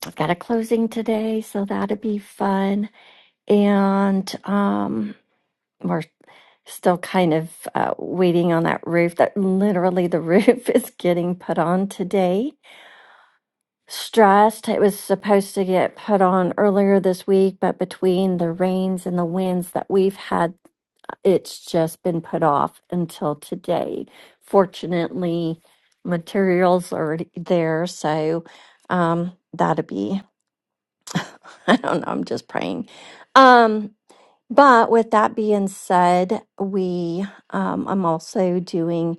I've got a closing today, so that'll be fun and um, we're still kind of uh, waiting on that roof. That literally the roof is getting put on today. Stressed. It was supposed to get put on earlier this week, but between the rains and the winds that we've had, it's just been put off until today. Fortunately, materials are already there, so um, that'll be. I don't know. I'm just praying. Um, But with that being said, we um, I'm also doing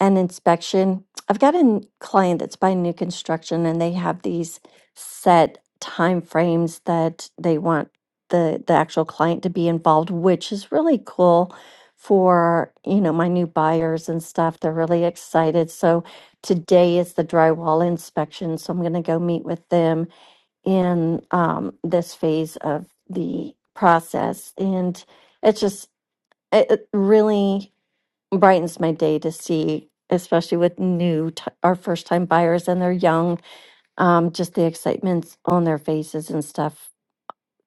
an inspection. I've got a n- client that's buying new construction, and they have these set time frames that they want the the actual client to be involved, which is really cool for you know my new buyers and stuff. They're really excited. So today is the drywall inspection, so I'm going to go meet with them in um, this phase of the process. And it's just, it, it really brightens my day to see, especially with new, t- our first time buyers and they're young, um, just the excitements on their faces and stuff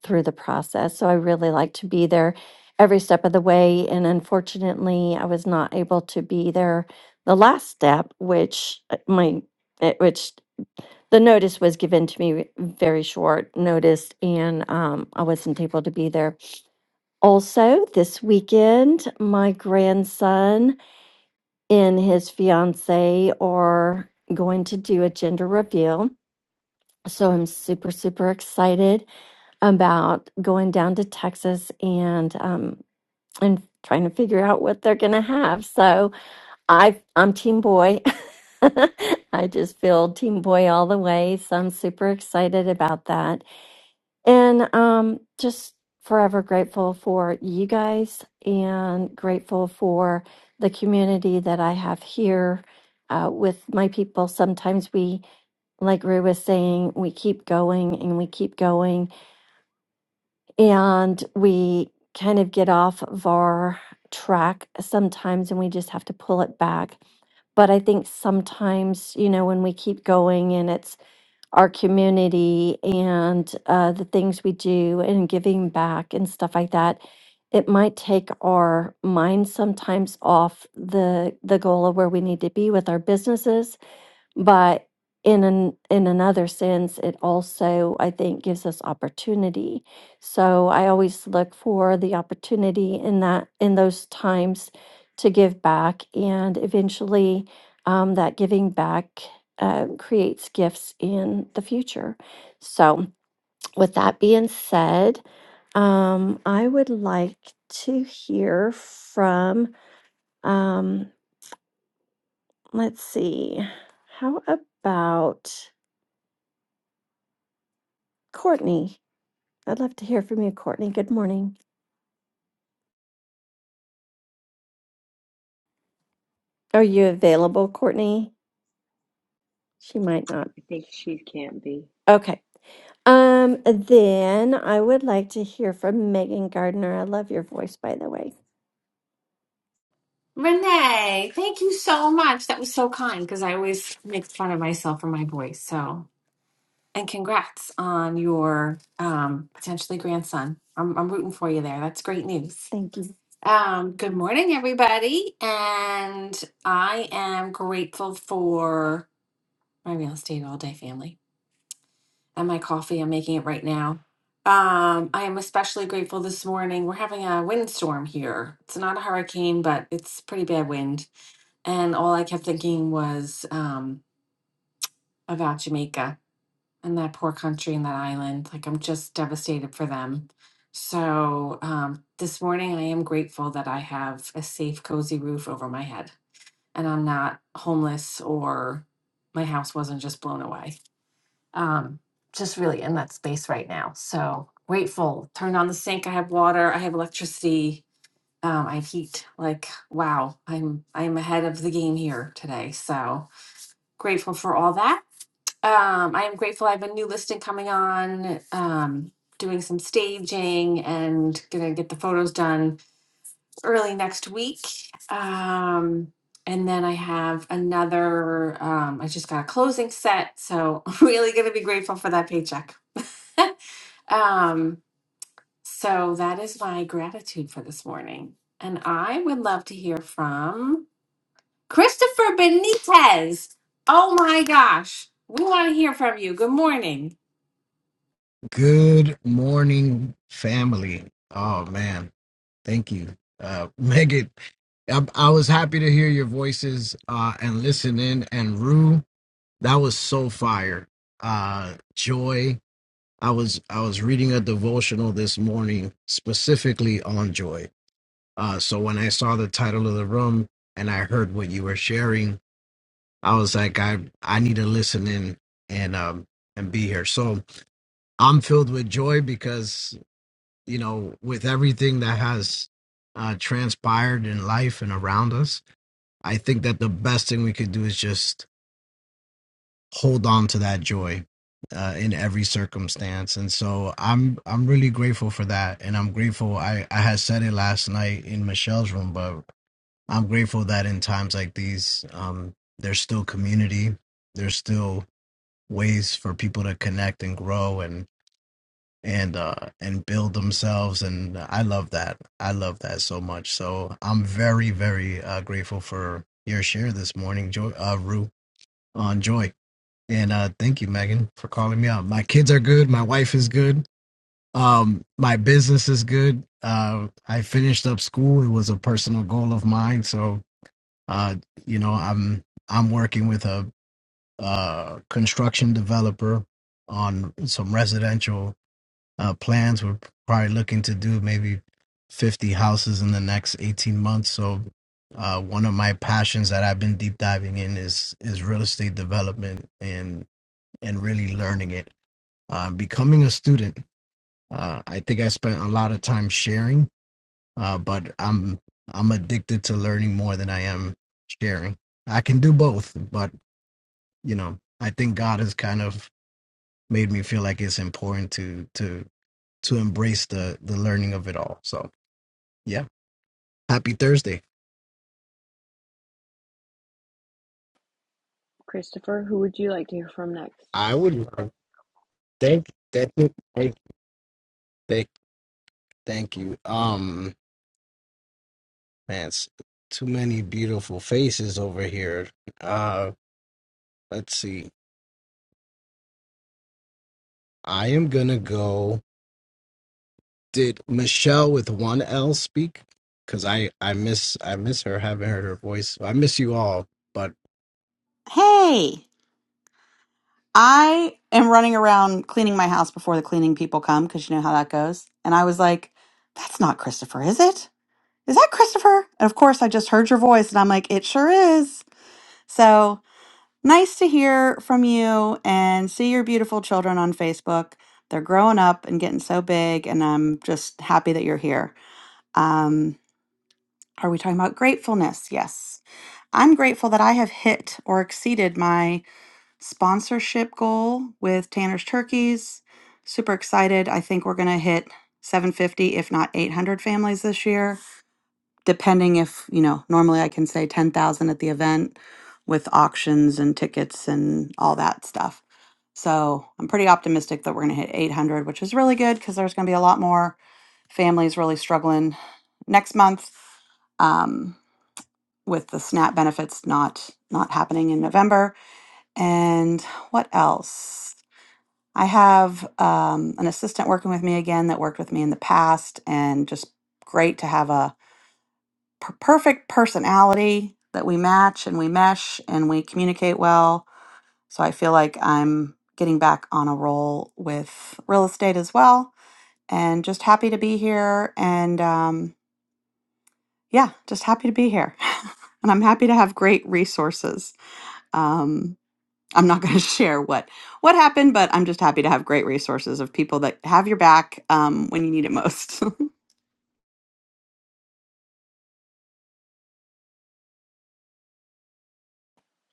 through the process. So I really like to be there every step of the way. And unfortunately, I was not able to be there the last step, which uh, my, it, which the notice was given to me very short notice and um, i wasn't able to be there also this weekend my grandson and his fiance are going to do a gender reveal so i'm super super excited about going down to texas and um, and trying to figure out what they're going to have so i i'm team boy I just feel team boy all the way. So I'm super excited about that. And um, just forever grateful for you guys and grateful for the community that I have here uh, with my people. Sometimes we, like Rue was saying, we keep going and we keep going and we kind of get off of our track sometimes and we just have to pull it back. But I think sometimes, you know, when we keep going and it's our community and uh, the things we do and giving back and stuff like that it might take our mind sometimes off the the goal of where we need to be with our businesses but in an in another sense it also i think gives us opportunity so i always look for the opportunity in that in those times to give back and eventually um, that giving back uh, creates gifts in the future so with that being said um, i would like to hear from um, let's see how about Courtney, I'd love to hear from you, Courtney. Good morning. Are you available, Courtney? She might not.
I think she can't be.
Okay. Um, then I would like to hear from Megan Gardner. I love your voice, by the way.
Renee, thank you so much. That was so kind because I always make fun of myself for my voice. So, and congrats on your um, potentially grandson. I'm, I'm rooting for you there. That's great news.
Thank you
Um, good morning, everybody. And I am grateful for my real estate all day family and my coffee. I'm making it right now. Um, I am especially grateful this morning. We're having a windstorm here. It's not a hurricane, but it's pretty bad wind and all I kept thinking was um, about Jamaica and that poor country and that island. Like I'm just devastated for them. So um, this morning, I am grateful that I have a safe, cozy roof over my head, and I'm not homeless or my house wasn't just blown away. Um, just really in that space right now. So grateful. Turned on the sink. I have water. I have electricity. Um, I have heat. Like wow, I'm I'm ahead of the game here today. So grateful for all that. Um, I am grateful I have a new listing coming on, um, doing some staging and gonna get the photos done early next week. Um, and then I have another, um, I just got a closing set, so really gonna be grateful for that paycheck. Um, so that is my gratitude for this morning. And I would love to hear from Christopher Benitez. Oh my gosh. We want to hear from you. Good morning.
Good morning, family. Oh man, thank you, uh, Megan. I, I was happy to hear your voices uh, and listen in. And Rue, that was so fire. Uh, joy. I was I was reading a devotional this morning specifically on joy. Uh, so when I saw the title of the room and I heard what you were sharing, I was like, I I need to listen in and um and be here. So I'm filled with joy because you know, with everything that has uh, transpired in life and around us, I think that the best thing we could do is just hold on to that joy uh, in every circumstance. And so I'm I'm really grateful for that, and I'm grateful. I I had said it last night in Michelle's room, but I'm grateful that in times like these, um, there's still community. There's still ways for people to connect and grow and and uh and build themselves and i love that i love that so much so i'm very very uh grateful for your share this morning joy uh rue on joy and uh thank you megan for calling me out my kids are good my wife is good um my business is good uh i finished up school it was a personal goal of mine so uh you know i'm i'm working with a uh construction developer on some residential uh, plans we're probably looking to do maybe 50 houses in the next 18 months. So uh, one of my passions that I've been deep diving in is is real estate development and and really learning it. Uh, becoming a student, uh, I think I spent a lot of time sharing, uh, but I'm I'm addicted to learning more than I am sharing. I can do both, but you know, I think God has kind of made me feel like it's important to to to embrace the the learning of it all. So yeah, happy Thursday.
Christopher, who would you like to hear from next?
I would love- thank thank you, thank thank thank you. Um man, it's too many beautiful faces over here. Uh let's see. I am gonna go. Did Michelle with one L speak? Cause I I miss I miss her. Haven't heard her voice. I miss you all. But
Hey, I am running around cleaning my house before the cleaning people come because you know how that goes. And I was like, that's not Christopher, is it? Is that Christopher? And of course, I just heard your voice and I'm like, it sure is. So nice to hear from you and see your beautiful children on Facebook. They're growing up and getting so big, and I'm just happy that you're here. Um, are we talking about gratefulness? Yes. I'm grateful that I have hit or exceeded my sponsorship goal with Tanner's Turkeys. Super excited. I think we're going to hit 750, if not 800 families this year, depending if, you know, normally I can say 10,000 at the event with auctions and tickets and all that stuff. So I'm pretty optimistic that we're going to hit 800, which is really good because there's going to be a lot more families really struggling next month um, with the SNAP benefits not not happening in November and what else? I have um, an assistant working with me again that worked with me in the past, and just great to have a per- perfect personality that we match and we mesh and we communicate well. So I feel like I'm getting back on a roll with real estate as well, and just happy to be here. And um, yeah, just happy to be here. and I'm happy to have great resources. Um, I'm not going to share what what happened, but I'm just happy to have great resources of people that have your back um, when you need it most.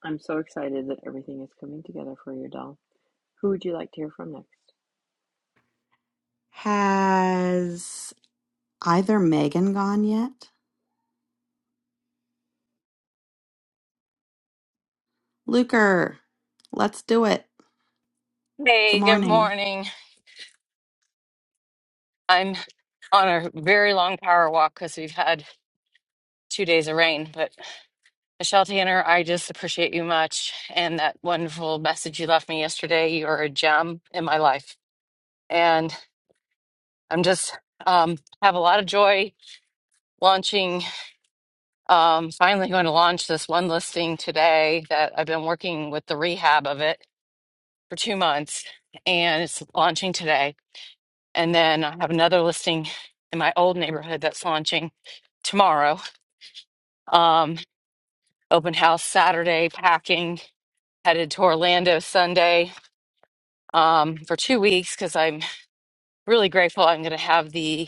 I'm so excited that everything is coming together for you, doll. Who would you like to hear from next?
Has either Megan gone yet? Luker, let's do it. Good
Hey, good
morning.
morning. I'm on a very long power walk because we've had two days of rain. But Michelle Tanner, I just appreciate you much and that wonderful message you left me yesterday. You are a gem in my life. I'm just um, have a lot of joy launching. Um, finally, going to launch this one listing today that I've been working with the rehab of it for two months, and it's launching today. And then I have another listing in my old neighborhood that's launching tomorrow. Um, open house Saturday, packing, headed to Orlando Sunday um, for two weeks because I'm really grateful. I'm going to have the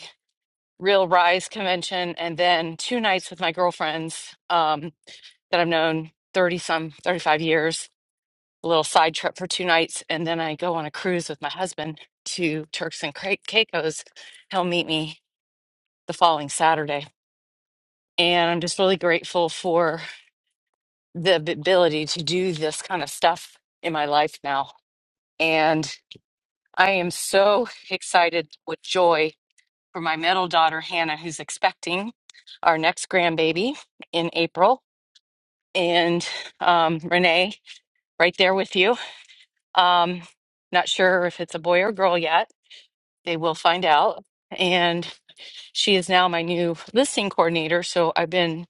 Real Rise convention and then two nights with my girlfriends. Um, that I've known 30 some, 35 years, a little side trip for two nights. And then I go on a cruise with my husband to Turks and Cai- Caicos. He'll meet me the following Saturday. And I'm just really grateful for the ab- ability to do this kind of stuff in my life now. And I am so excited with joy for my middle daughter, Hannah, who's expecting our next grandbaby in April. And um, Renee, right there with you. Um, not sure if it's a boy or girl yet. They will find out. And she is now my new listing coordinator. So I've been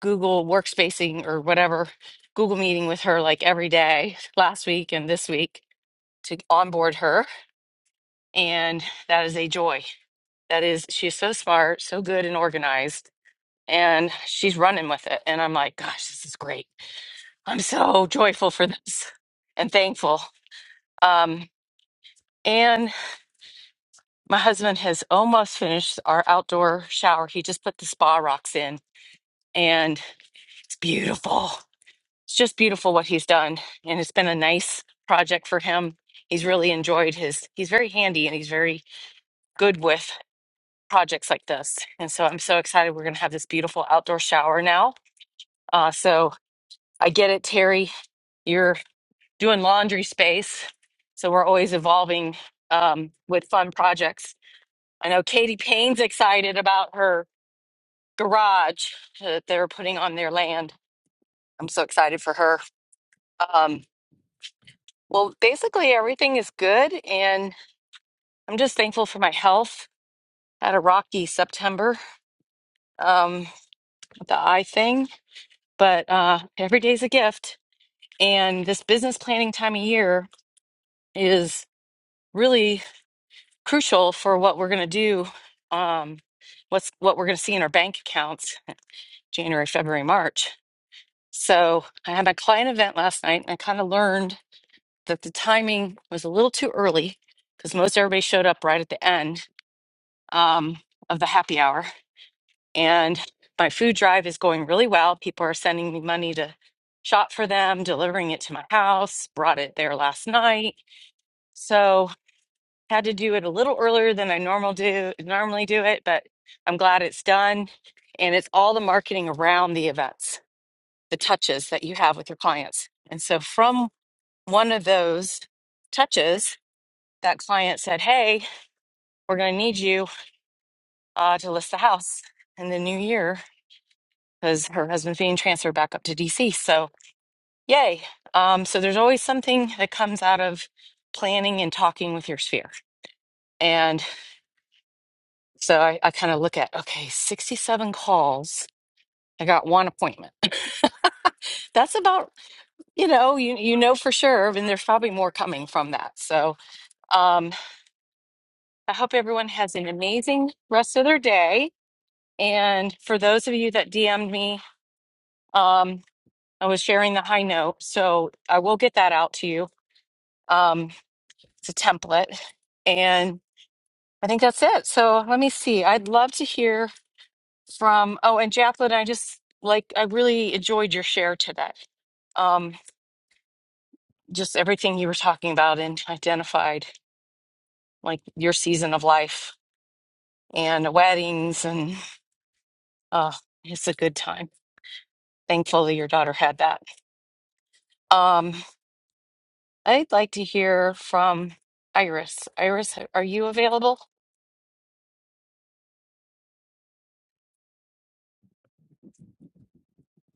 Google workspacing or whatever, Google meeting with her like every day last week and this week to onboard her. And that is a joy. That is, she's so smart, so good and organized. And she's running with it. And I'm like, gosh, this is great. I'm so joyful for this and thankful. Um, My husband has almost finished our outdoor shower. He just put the spa rocks in and it's beautiful. It's just beautiful what he's done. And it's been a nice project for him. He's really enjoyed his, he's very handy and he's very good with projects like this. And so I'm so excited we're going to have this beautiful outdoor shower now. Uh, so I get it, Terry. You're doing laundry space. So we're always evolving um, with fun projects. I know Katie Payne's excited about her garage that they're putting on their land. I'm so excited for her. Um, well, basically, everything is good, and I'm just thankful for my health. Had a rocky September um, with the eye thing, but uh, every day's a gift. And this business planning time of year is really crucial for what we're going to do, um, what's what we're going to see in our bank accounts January, February, March. So I had my client event last night, and I kind of learned that the timing was a little too early because most everybody showed up right at the end um, of the happy hour. And my food drive is going really well. People are sending me money to shop for them, delivering it to my house, brought it there last night. So had to do it a little earlier than I normal do normally do it, but I'm glad it's done. And it's all the marketing around the events, the touches that you have with your clients. And so from one of those touches, that client said, Hey, we're going to need you uh, to list the house in the new year because her husband's being transferred back up to DC. So, yay. Um, so, there's always something that comes out of planning and talking with your sphere. And so I, I kind of look at, okay, 67 calls. I got one appointment. That's about, you know, you, you know for sure. And there's probably more coming from that. So um, I hope everyone has an amazing rest of their day. And for those of you that DM'd me, Um, I was sharing the high note, so I will get that out to you. Um, it's a template, and I think that's it. So let me see. I'd love to hear from. Oh, and Jacqueline, I just like I really enjoyed your share today. Um, just everything you were talking about and identified, like your season of life and weddings, and uh, it's a good time. Thankfully, your daughter had that. Um, I'd like to hear from Iris. Iris, are you available?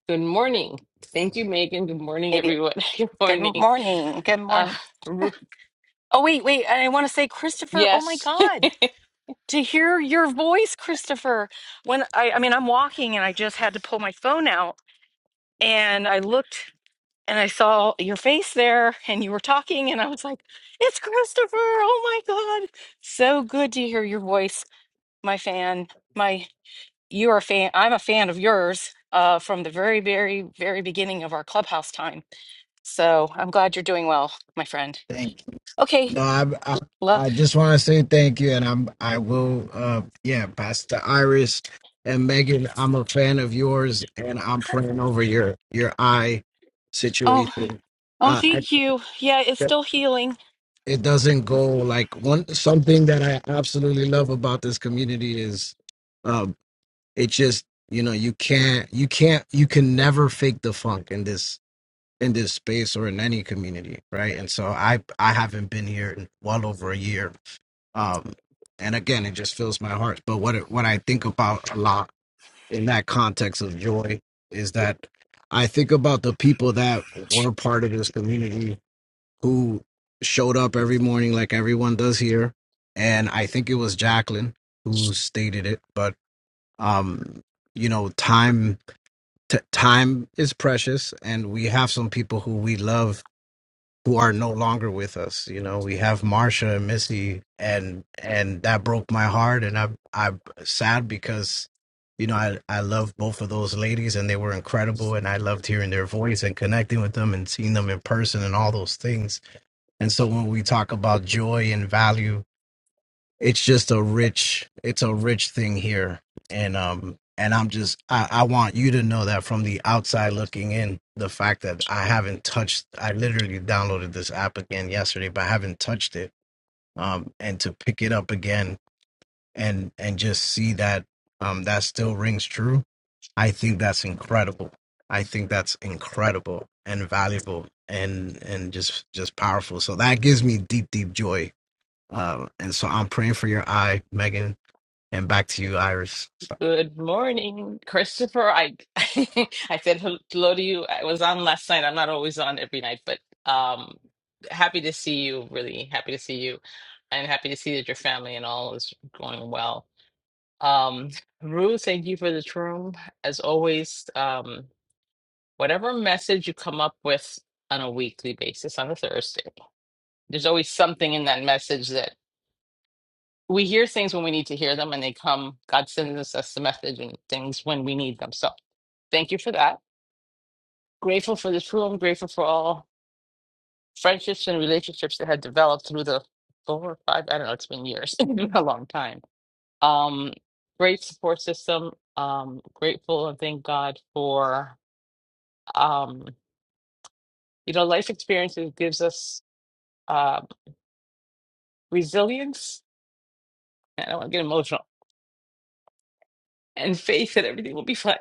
Good morning. Thank you, Megan. Good morning,
Maybe.
everyone. Good
Good
morning.
morning. Good
Uh,
morning.
Ru-
Oh, wait, wait. and I want to say, Christopher, oh my
yes.
God, to hear your voice, Christopher. When I, I mean, I'm walking and I just had to pull my phone out and I looked and I saw your face there and you were talking and I was like, it's Christopher. Oh my God. So good to hear your voice, my fan, my." you're a fan i'm a fan of yours uh, from the very very very beginning of our clubhouse time so i'm glad you're doing well my friend
Thank
okay
No, I, I,
love
I just want to say thank you, and I'm I will, uh, yeah, Pastor Iris and Megan, I'm a fan of yours, and I'm praying over your your eye
oh
situation.
oh
Uh, I,
thank you yeah it's still healing
it doesn't go like one something that I absolutely love about this community is, um, it just you know you can't you can't you can never fake the funk in this in this space or in any community, right? And so I I haven't been here in well over a year um, and again, it just fills my heart. But what it, what I think about a lot in that context of joy is that I think about the people that were part of this community who showed up every morning, like everyone does here. And I think it was Jacqueline who stated it, but um, you know, time t- time is precious, and we have some people who we love who are no longer with us. You know, we have Marsha and Missy, and and that broke my heart, and I I sad because you know I I love both of those ladies, and they were incredible, and I loved hearing their voice and connecting with them and seeing them in person and all those things. And so when we talk about joy and value it's just a rich it's a rich thing here and um and i'm just I, I want you to know that from the outside looking in the fact that i haven't touched i literally downloaded this app again yesterday but i haven't touched it um and to pick it up again and and just see that um that still rings true i think that's incredible i think that's incredible and valuable and and just just powerful so that gives me deep deep joy uh, and so i'm praying for your eye megan and back to you, Iris.
Good morning, Christopher. I I said hello to you. I was on last night. I'm not always on every night, but um, happy to see you. Really happy to see you, and happy to see that your family and all is going well. Um, Rue, thank you for the room as always. Um, whatever message you come up with on a weekly basis on a Thursday. There's always something in that message that we hear things when we need to hear them, and they come. God sends us, us the message and things when we need them. So thank you for that. Grateful for this room. Grateful for all friendships and relationships that had developed through the four or five. I don't know. It's been years, It's been a long time. Um, great support system. Um, grateful and thank God for um, you know life experiences gives us uh, resilience. I don't want to get emotional and faith that everything will be fine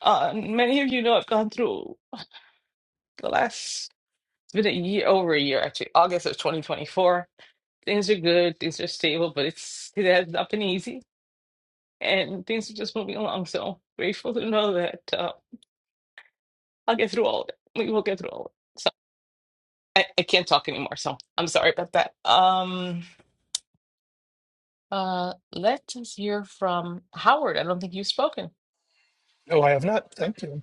Uh, many of you know I've gone through the last, it's been a year, over a year actually, August of 2024. Things are good, things are stable, but it's it has not been easy, and things are just moving along. So grateful to know that uh, I'll get through all of it. We will get through all of it. So I, I can't talk anymore, so I'm sorry about that. Um, uh, let us hear from Howard. I don't think you've spoken.
No, I have not. Thank you.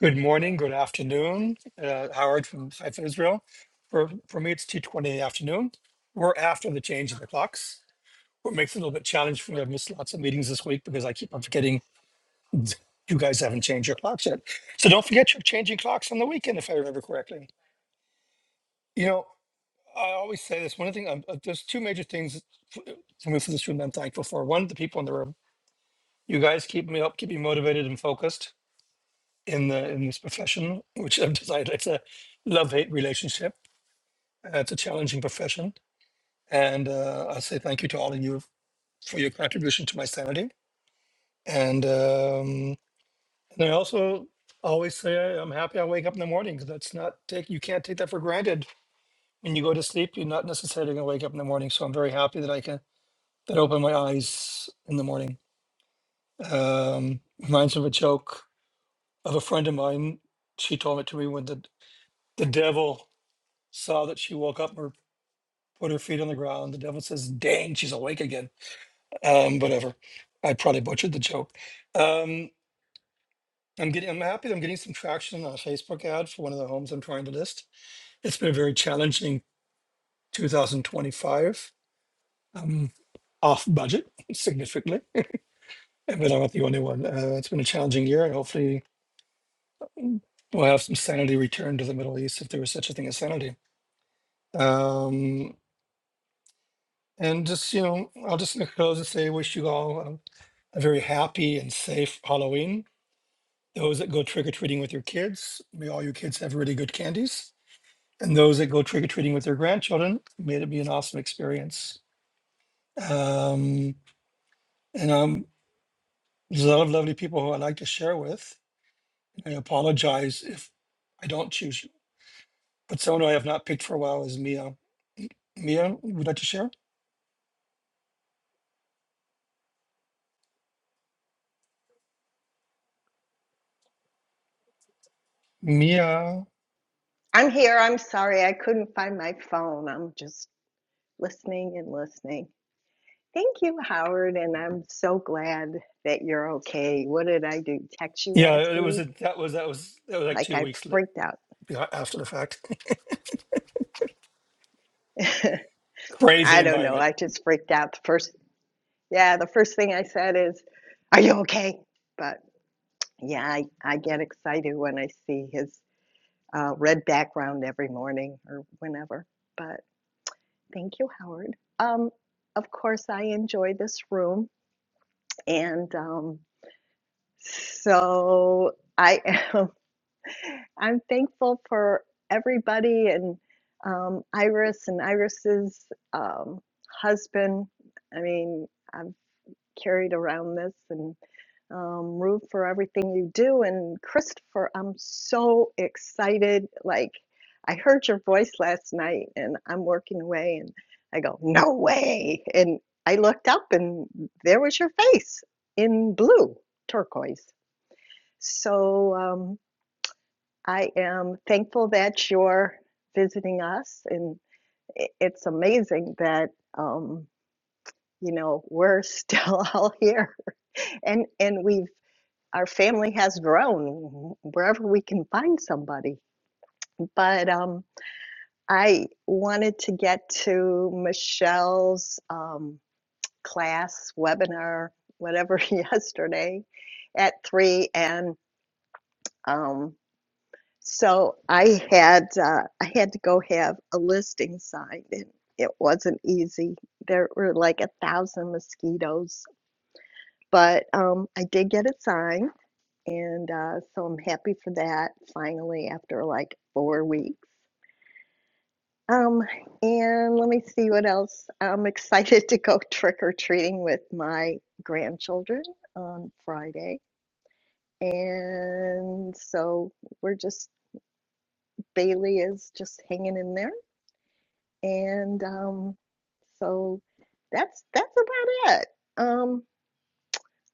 Good morning, good afternoon. Uh, Howard from Haifa, Israel. For, for me, it's 2.20 in the afternoon. We're after the change of the clocks. What makes it a little bit challenging for me, I've missed lots of meetings this week because I keep on forgetting you guys haven't changed your clocks yet. So don't forget you're changing clocks on the weekend, if I remember correctly. You know, I always say this. One thing, um, uh, there's two major things f- uh, for me for this room that I'm thankful for. One, the people in the room. You guys keep me up, keep me motivated and focused in the in this profession, which I've decided it's a love hate relationship. Uh, it's a challenging profession, and uh, I say thank you to all of you for your contribution to my sanity. And um, and I also always say I- I'm happy I wake up in the morning because that's not take you can't take that for granted. When you go to sleep, you're not necessarily going to wake up in the morning. So I'm very happy that I can that opened my eyes in the morning. Um, reminds me of a joke of a friend of mine. She told it to me when the the devil saw that she woke up or put her feet on the ground. The devil says, "Dang, she's awake again." Um, whatever. I probably butchered the joke. Um, I'm getting. I'm happy. that I'm getting some traction on a Facebook ad for one of the homes I'm trying to list. It's been a very challenging 2025. Um, off budget significantly, but I'm not the only one. Uh, it's been a challenging year, and hopefully We'll have some sanity return to the Middle East if there was such a thing as sanity. Um, and just, you know, I'll just close and say, wish you all um, a very happy and safe Halloween. Those that go trick or treating with your kids, may all your kids have really good candies. And those that go trick or treating with their grandchildren, may it be an awesome experience. Um, and um, there's a lot of lovely people who I like to share with. I apologize if I don't choose you. But someone who I have not picked for a while is Mia. Mia, would you like to share? Mia.
I'm here. I'm sorry. I couldn't find my phone. I'm just listening and listening. Thank you, Howard. And I'm so glad that you're okay. What did I do? Text you
Yeah,
last
it was
week?
a, that was that was that was like
Like
two
I
weeks li-
freaked out.
yeah, after the fact. Crazy
I don't know.
environment.
I just freaked out. The first, yeah, the first thing I said is, Are you okay? But yeah, I, I get excited when I see his uh, red background every morning or whenever. But thank you, Howard. Um, of course, I enjoy this room. And um, so I am I'm thankful for everybody and um, Iris and Iris's um, husband. I mean, I'm carried around this and um, root for everything you do. And Christopher, I'm so excited. Like, I heard your voice last night and I'm working away and I go, no way. And I looked up and there was your face in blue, turquoise. So um, I am thankful that you're visiting us. And it's amazing that, um, you know, we're still all here and and we've our family has grown wherever we can find somebody. But um, I wanted to get to Michelle's um, class, webinar, whatever, yesterday at three, and um, so I had uh, I had to go have a listing signed, and it wasn't easy. There were like a thousand mosquitoes, but um, I did get it signed. and uh, so I'm happy for that finally after like four weeks. Um, and let me see what else. I'm excited to go trick or treating with my grandchildren on Friday. And so we're just, Bailey is just hanging in there. And um, so that's that's about it. Um,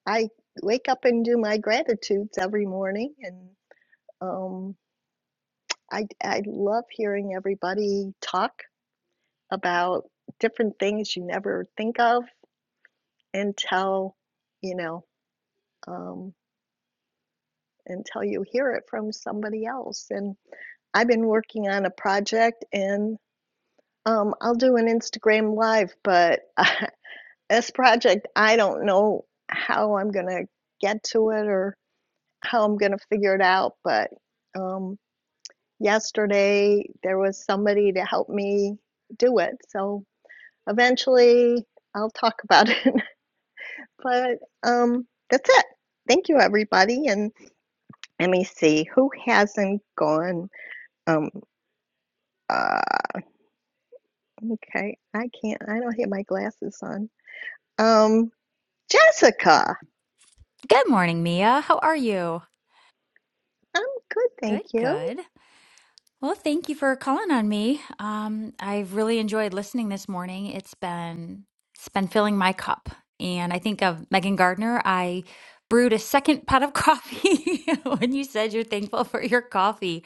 I wake up and do my gratitudes every morning and um, I I love hearing everybody talk about different things you never think of until you know um, until you hear it from somebody else. And I've been working on a project, and um, I'll do an Instagram live, but uh, this project I don't know how I'm gonna get to it or how I'm gonna figure it out. But um, yesterday there was somebody to help me do it, so Eventually, I'll talk about it. But um, that's it. Thank you, everybody. And let me see who hasn't gone. Um, uh, okay, I can't. I don't have my glasses on. Um, Jessica,
Good morning, Mia. How are you?
I'm good, thank
Good,
you.
good. Well, thank you for calling on me. Um, I've really enjoyed listening this morning. It's been it's been filling my cup. And I think of Megan Gardner. I brewed a second pot of coffee when you said you're thankful for your coffee.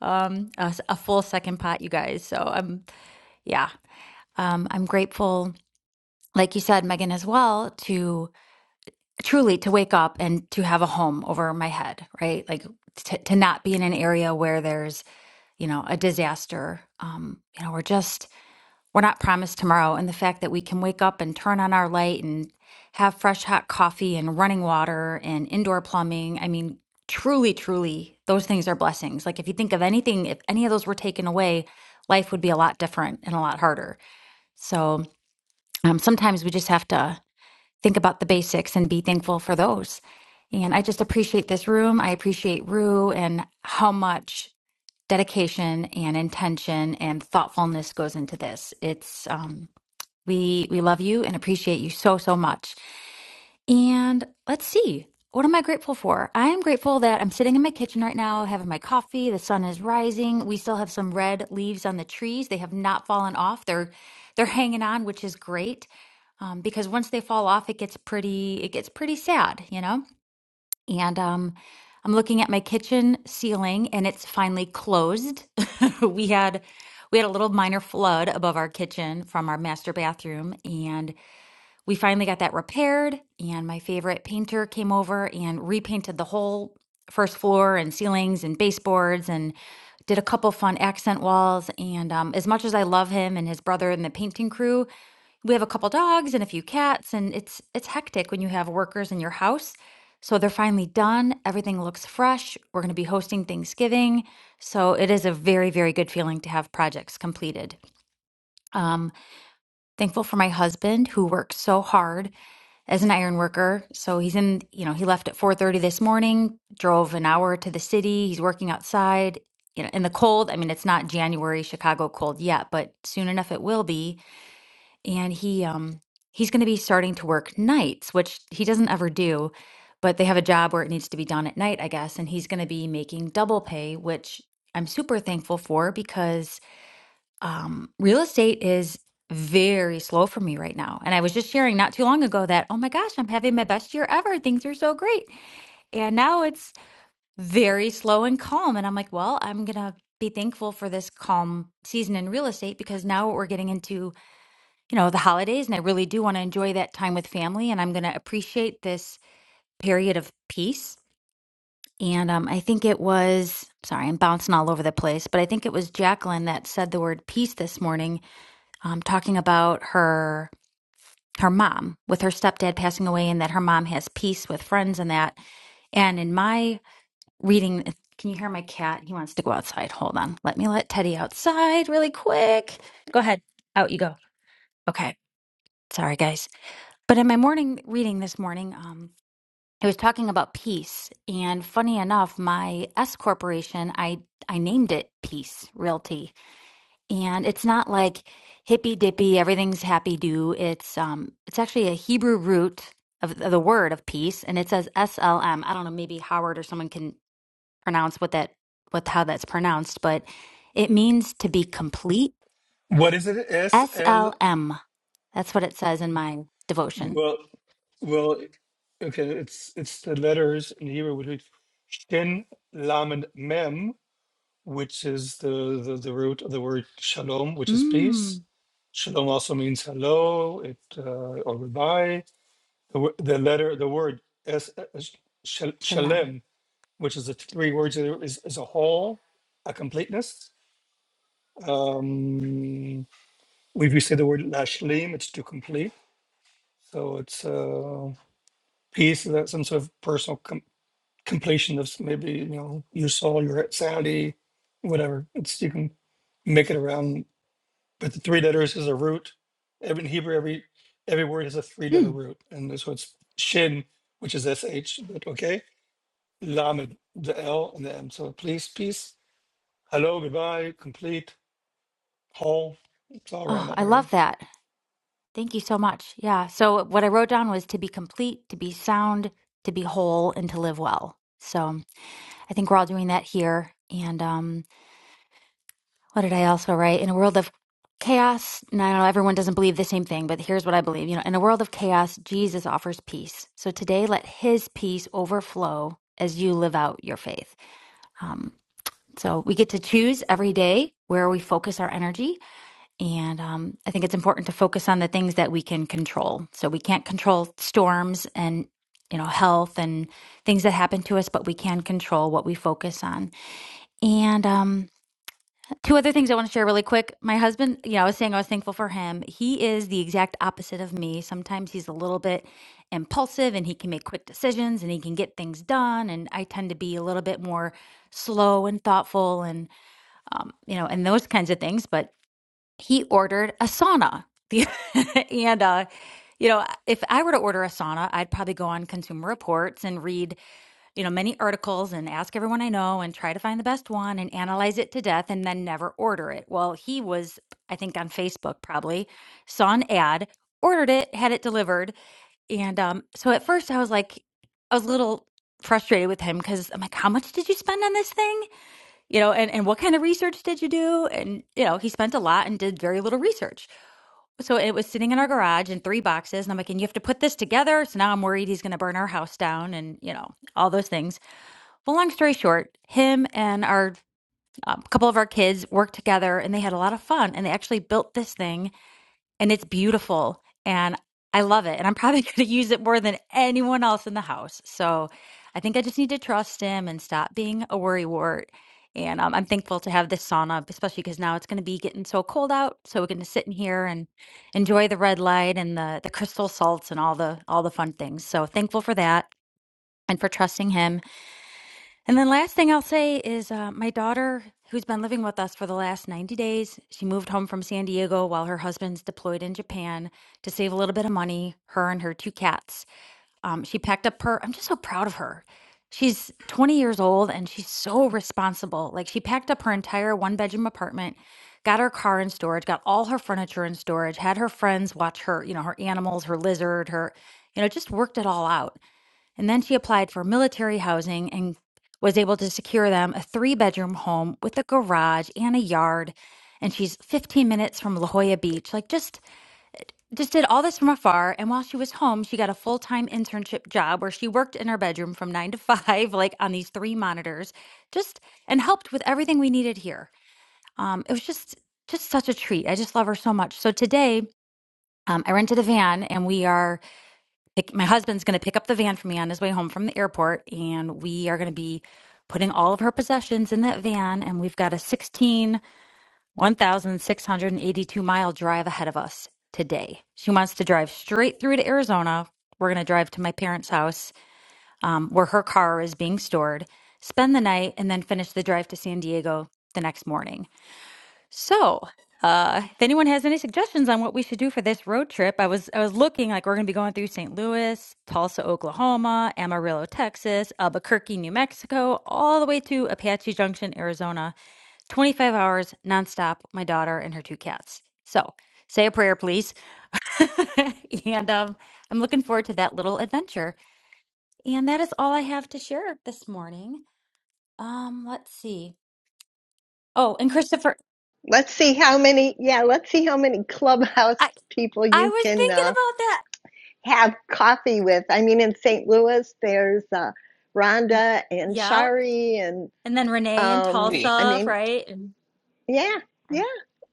Um, a, s- a full second pot, you guys. So I'm yeah. Um, I'm grateful, like you said, Megan, as well, to truly to wake up and to have a home over my head, right? Like to, to not be in an area where there's, you know, a disaster. Um, you know, we're just, we're not promised tomorrow. And the fact that we can wake up and turn on our light and have fresh hot coffee and running water and indoor plumbing. I mean, truly, truly, those things are blessings. Like if you think of anything, if any of those were taken away, life would be a lot different and a lot harder. So um, sometimes we just have to think about the basics and be thankful for those. And I just appreciate this room. I appreciate Rue and how much dedication and intention and thoughtfulness goes into this. It's um we we love you and appreciate you so so much. And let's see. What am I grateful for? I am grateful that I'm sitting in my kitchen right now having my coffee. The sun is rising. We still have some red leaves on the trees. They have not fallen off. They're they're hanging on, which is great. Um, because once they fall off, it gets pretty it gets pretty sad, you know? And um I'm looking at my kitchen ceiling and it's finally closed. we had we had a little minor flood above our kitchen from our master bathroom and we finally got that repaired, and my favorite painter came over and repainted the whole first floor and ceilings and baseboards and did a couple fun accent walls. And um, as much as I love him and his brother and the painting crew, we have a couple dogs and a few cats, and it's it's hectic when you have workers in your house. So they're finally done. Everything looks fresh. We're going to be hosting Thanksgiving. So it is a very, very good feeling to have projects completed. Um, thankful for my husband who works so hard as an iron worker. So he's in, you know, he left at 4:30 this morning, drove an hour to the city. He's working outside, you know, in the cold. I mean, it's not January Chicago cold yet, but soon enough it will be. And he um he's going to be starting to work nights, which he doesn't ever do, but they have a job where it needs to be done at night, I guess, and he's going to be making double pay, which I'm super thankful for because um, real estate is very slow for me right now. And I was just sharing not too long ago that, oh my gosh, I'm having my best year ever. Things are so great. And now it's very slow and calm. And I'm like, well, I'm going to be thankful for this calm season in real estate because now we're getting into, you know, the holidays and I really do want to enjoy that time with family and I'm going to appreciate this period of peace. And um, I think it was, sorry, I'm bouncing all over the place, but I think it was Jacqueline that said the word peace this morning um, talking about her her mom with her stepdad passing away and that her mom has peace with friends and that and in my reading can you hear my cat he wants to go outside hold on let me let teddy outside really quick go ahead out you go okay sorry guys but in my morning reading this morning um it was talking about peace and funny enough my s corporation i i named it peace realty and it's not like hippy dippy everything's happy do it's um it's actually a hebrew root of, of the word of peace and it says slm i don't know maybe howard or someone can pronounce what that what how that's pronounced but it means to be complete
What is it? S L.
slm that's what it says in my devotion
Well, well, okay. It's it's the letters in Hebrew which is Shin Lamed Mem, which is the, the the root of the word Shalom, which is
mm
peace. Shalom also means hello, it uh, or goodbye. The, wo- the letter, the word es, es- shal-
shalom
shalem, which is the three words, that is, is a whole, a completeness. Um, we we say the word lashlim, it's to complete. So it's uh, peace, that some sort of personal com- completion of s- maybe, you know, your soul, your sanity, whatever. It's You can make it around, but the three letters is a root. Every, in Hebrew, every every word has a three letter
mm
root. And so it's shin, which is sh, but okay. Lamed, the L and the M. So please, peace, hello, goodbye, complete, whole. It's all around
oh
that
i
area.
love that Thank you so much. Yeah. So what I wrote down was to be complete, to be sound, to be whole, and to live well. So I think we're all doing that here. And um, what did I also write? In a world of chaos, and I know everyone doesn't believe the same thing, but here's what I believe. You know, in a world of chaos, Jesus offers peace. So today, let His peace overflow as you live out your faith. Um, so we get to choose every day where we focus our energy and um, I think it's important to focus on the things that we can control. So we can't control storms and you know health and things that happen to us, but we can control what we focus on. And um, two other things I want to share really quick. My husband, you know, I was saying I was thankful for him. He is the exact opposite of me. Sometimes he's a little bit impulsive and he can make quick decisions and he can get things done. And I tend to be a little bit more slow and thoughtful and um, you know and those kinds of things. But he ordered a sauna. and, uh, you know, if I were to order a sauna, I'd probably go on Consumer Reports and read, you know, many articles and ask everyone I know and try to find the best one and analyze it to death and then never order it. Well, he was, I think, on Facebook probably, saw an ad, ordered it, had it delivered. And um, so at first I was like, I was a little frustrated with him because I'm like, how much did you spend on this thing? you know and, and what kind of research did you do and you know he spent a lot and did very little research so it was sitting in our garage in three boxes and i'm like and you have to put this together so now i'm worried he's going to burn our house down and you know all those things well long story short him and our um, couple of our kids worked together and they had a lot of fun and they actually built this thing and it's beautiful and I love it and I'm probably going to use it more than anyone else in the house. So I think I just need to trust him and stop being a worrywart. And um, I'm thankful to have this sauna, especially because now it's going to be getting so cold out. So we're going to sit in here and enjoy the red light and the the crystal salts and all the all the fun things. So thankful for that and for trusting him. And then last thing I'll say is uh, my daughter, who's been living with us for the last 90 days, she moved home from San Diego while her husband's deployed in Japan to save a little bit of money, her and her two cats. Um, she packed up her, I'm just so proud of her. She's 20 years old and she's so responsible. Like she packed up her entire one bedroom apartment, got her car in storage, got all her furniture in storage, had her friends watch her, you know, her animals, her lizard, her, you know, just worked it all out. And then she applied for military housing and was able to secure them a three bedroom home with a garage and a yard. And she's 15 minutes from La Jolla Beach. Like just just did all this from afar. And while she was home, she got a full-time internship job where she worked in her bedroom from nine to five, like on these three monitors, just and helped with everything we needed here. Um, it was just just such a treat. I just love her so much. So today, um, I rented a van and we are pick, my husband's going to pick up the van for me on his way home from the airport, and we are going to be putting all of her possessions in that van. And we've got a 16 1,682 mile drive ahead of us today. She wants to drive straight through to Arizona. We're going to drive to my parents' house um, where her car is being stored, spend the night, and then finish the drive to San Diego the next morning. So, uh, if anyone has any suggestions on what we should do for this road trip, I was I was looking like we're going to be going through St. Louis, Tulsa, Oklahoma, Amarillo, Texas, Albuquerque, New Mexico, all the way to Apache Junction, Arizona. 25 hours nonstop. My daughter and her two cats. So, say a prayer, please. and um, I'm looking forward to that little adventure. And that is all I have to share this morning. Um, let's see. Oh, and Christopher,
Let's see how many. Yeah, let's see how many clubhouse
I
people
I
you
was
can uh,
thinking
have coffee with. I mean, in St. Louis, there's uh,
And
Rhonda and
yeah.
Shari, and
And then Renee in
um,
Maybe.
I
Tulsa,
mean,
right? And
yeah. yeah.
and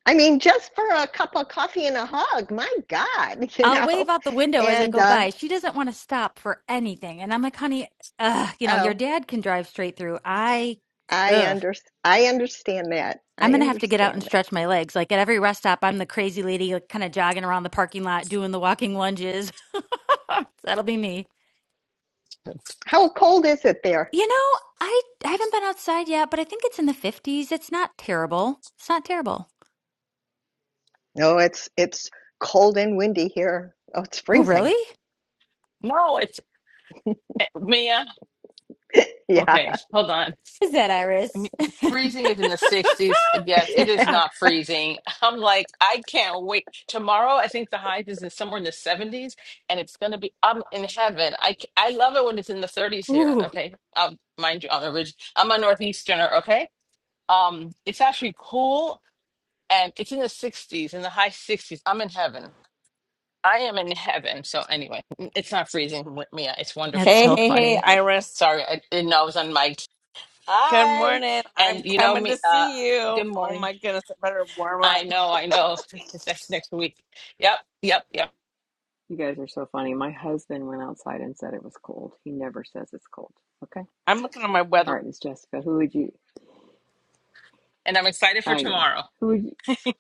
I mean, just for a cup of coffee and a hug, my God, you
I'll wave
know?
out the window as I
And
go
uh,
by. She doesn't want to stop for anything. And I'm like, honey, ugh, you know, your
oh,
dad can drive straight through. I,
I
ugh,
under I understand that.
I'm
I
going to have to get out
understand
and
that.
stretch my legs. Like at every rest stop, I'm the crazy lady, like kind of jogging around the parking lot, doing the walking lunges. That'll be me.
How cold is it there?
You know, I, I haven't been outside yet, but I think it's in the 50s. It's not terrible. It's not terrible.
No, oh, it's it's cold and windy here. Oh, it's
Oh,
freezing.
really?
No, it's eh, Mia.
Yeah.
Okay, hold on.
Is that
m-
Iris?
freezing is in the 60s. Yes, it is
yeah.
not freezing. I'm like, I can't wait. Tomorrow, I think the high is in somewhere in the 70s, and it's going to be, I'm in heaven. I, c- I love it when it's in the 30s here.
Ooh,
Okay. Um, mind you, I'm a, ridge, I'm a Northeasterner. Okay. Um, it's actually cool, and it's in the 60s, in the high 60s. I'm in heaven. I am in heaven. So, anyway, n- it's not freezing with me. It's
that's
wonderful
Hey,
out
so
hey,
there.
hey,
funny.
Iris.
Sorry, I didn't know I was on mic.
Good
Hi.
morning.
And
I'm
you know
coming
me,
to
uh,
see you.
good
Oh
morning.
my goodness, I better warm
I
up.
know, I know. It's next next week. Yep, yep, yep.
You guys are so funny. My husband went outside and said it was cold. He never says it's cold. Okay.
I'm looking at my
All right, Miss Jessica, who would you?
And I'm excited for
I know.
tomorrow.
Who would you?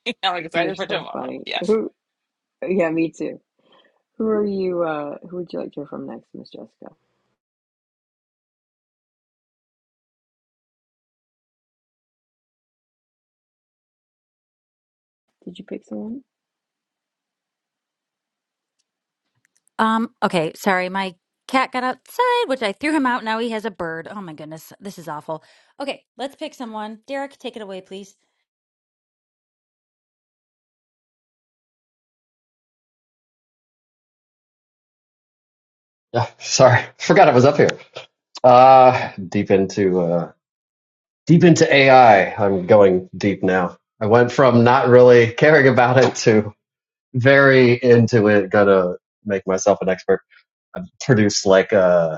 I'm
You're
excited for
so
tomorrow.
funny.
Yeah.
Who? Yeah, me too. Who are you? Uh, who would you like to hear from next, Miss Jessica? Did you pick someone?
Um, okay, sorry, my cat got outside, which I threw him out. Now he has a bird. Oh my goodness, this is awful. Okay, let's pick someone. Derek, take it away, please.
Yeah, sorry, forgot I was up here. Uh, deep into uh, deep into AI. I'm going deep now. I went from not really caring about it to very into it. Gonna make myself an expert. I've produced like a.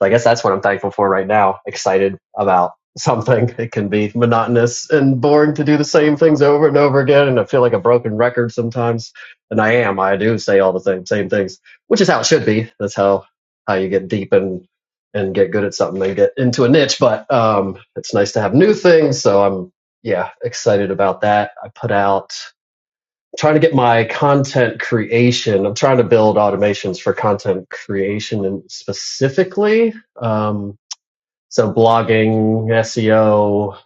So I guess that's what I'm thankful for right now. Excited about something. It can be monotonous and boring to do the same things over and over again, and I feel like a broken record sometimes. And I am. I do say all the same same things, which is how it should be. That's how how you get deep and and get good at something and get into a niche. But um, it's nice to have new things. So I'm yeah excited about that. I put out trying to get my content creation. I'm trying to build automations for content creation and specifically, um, so blogging, SEO,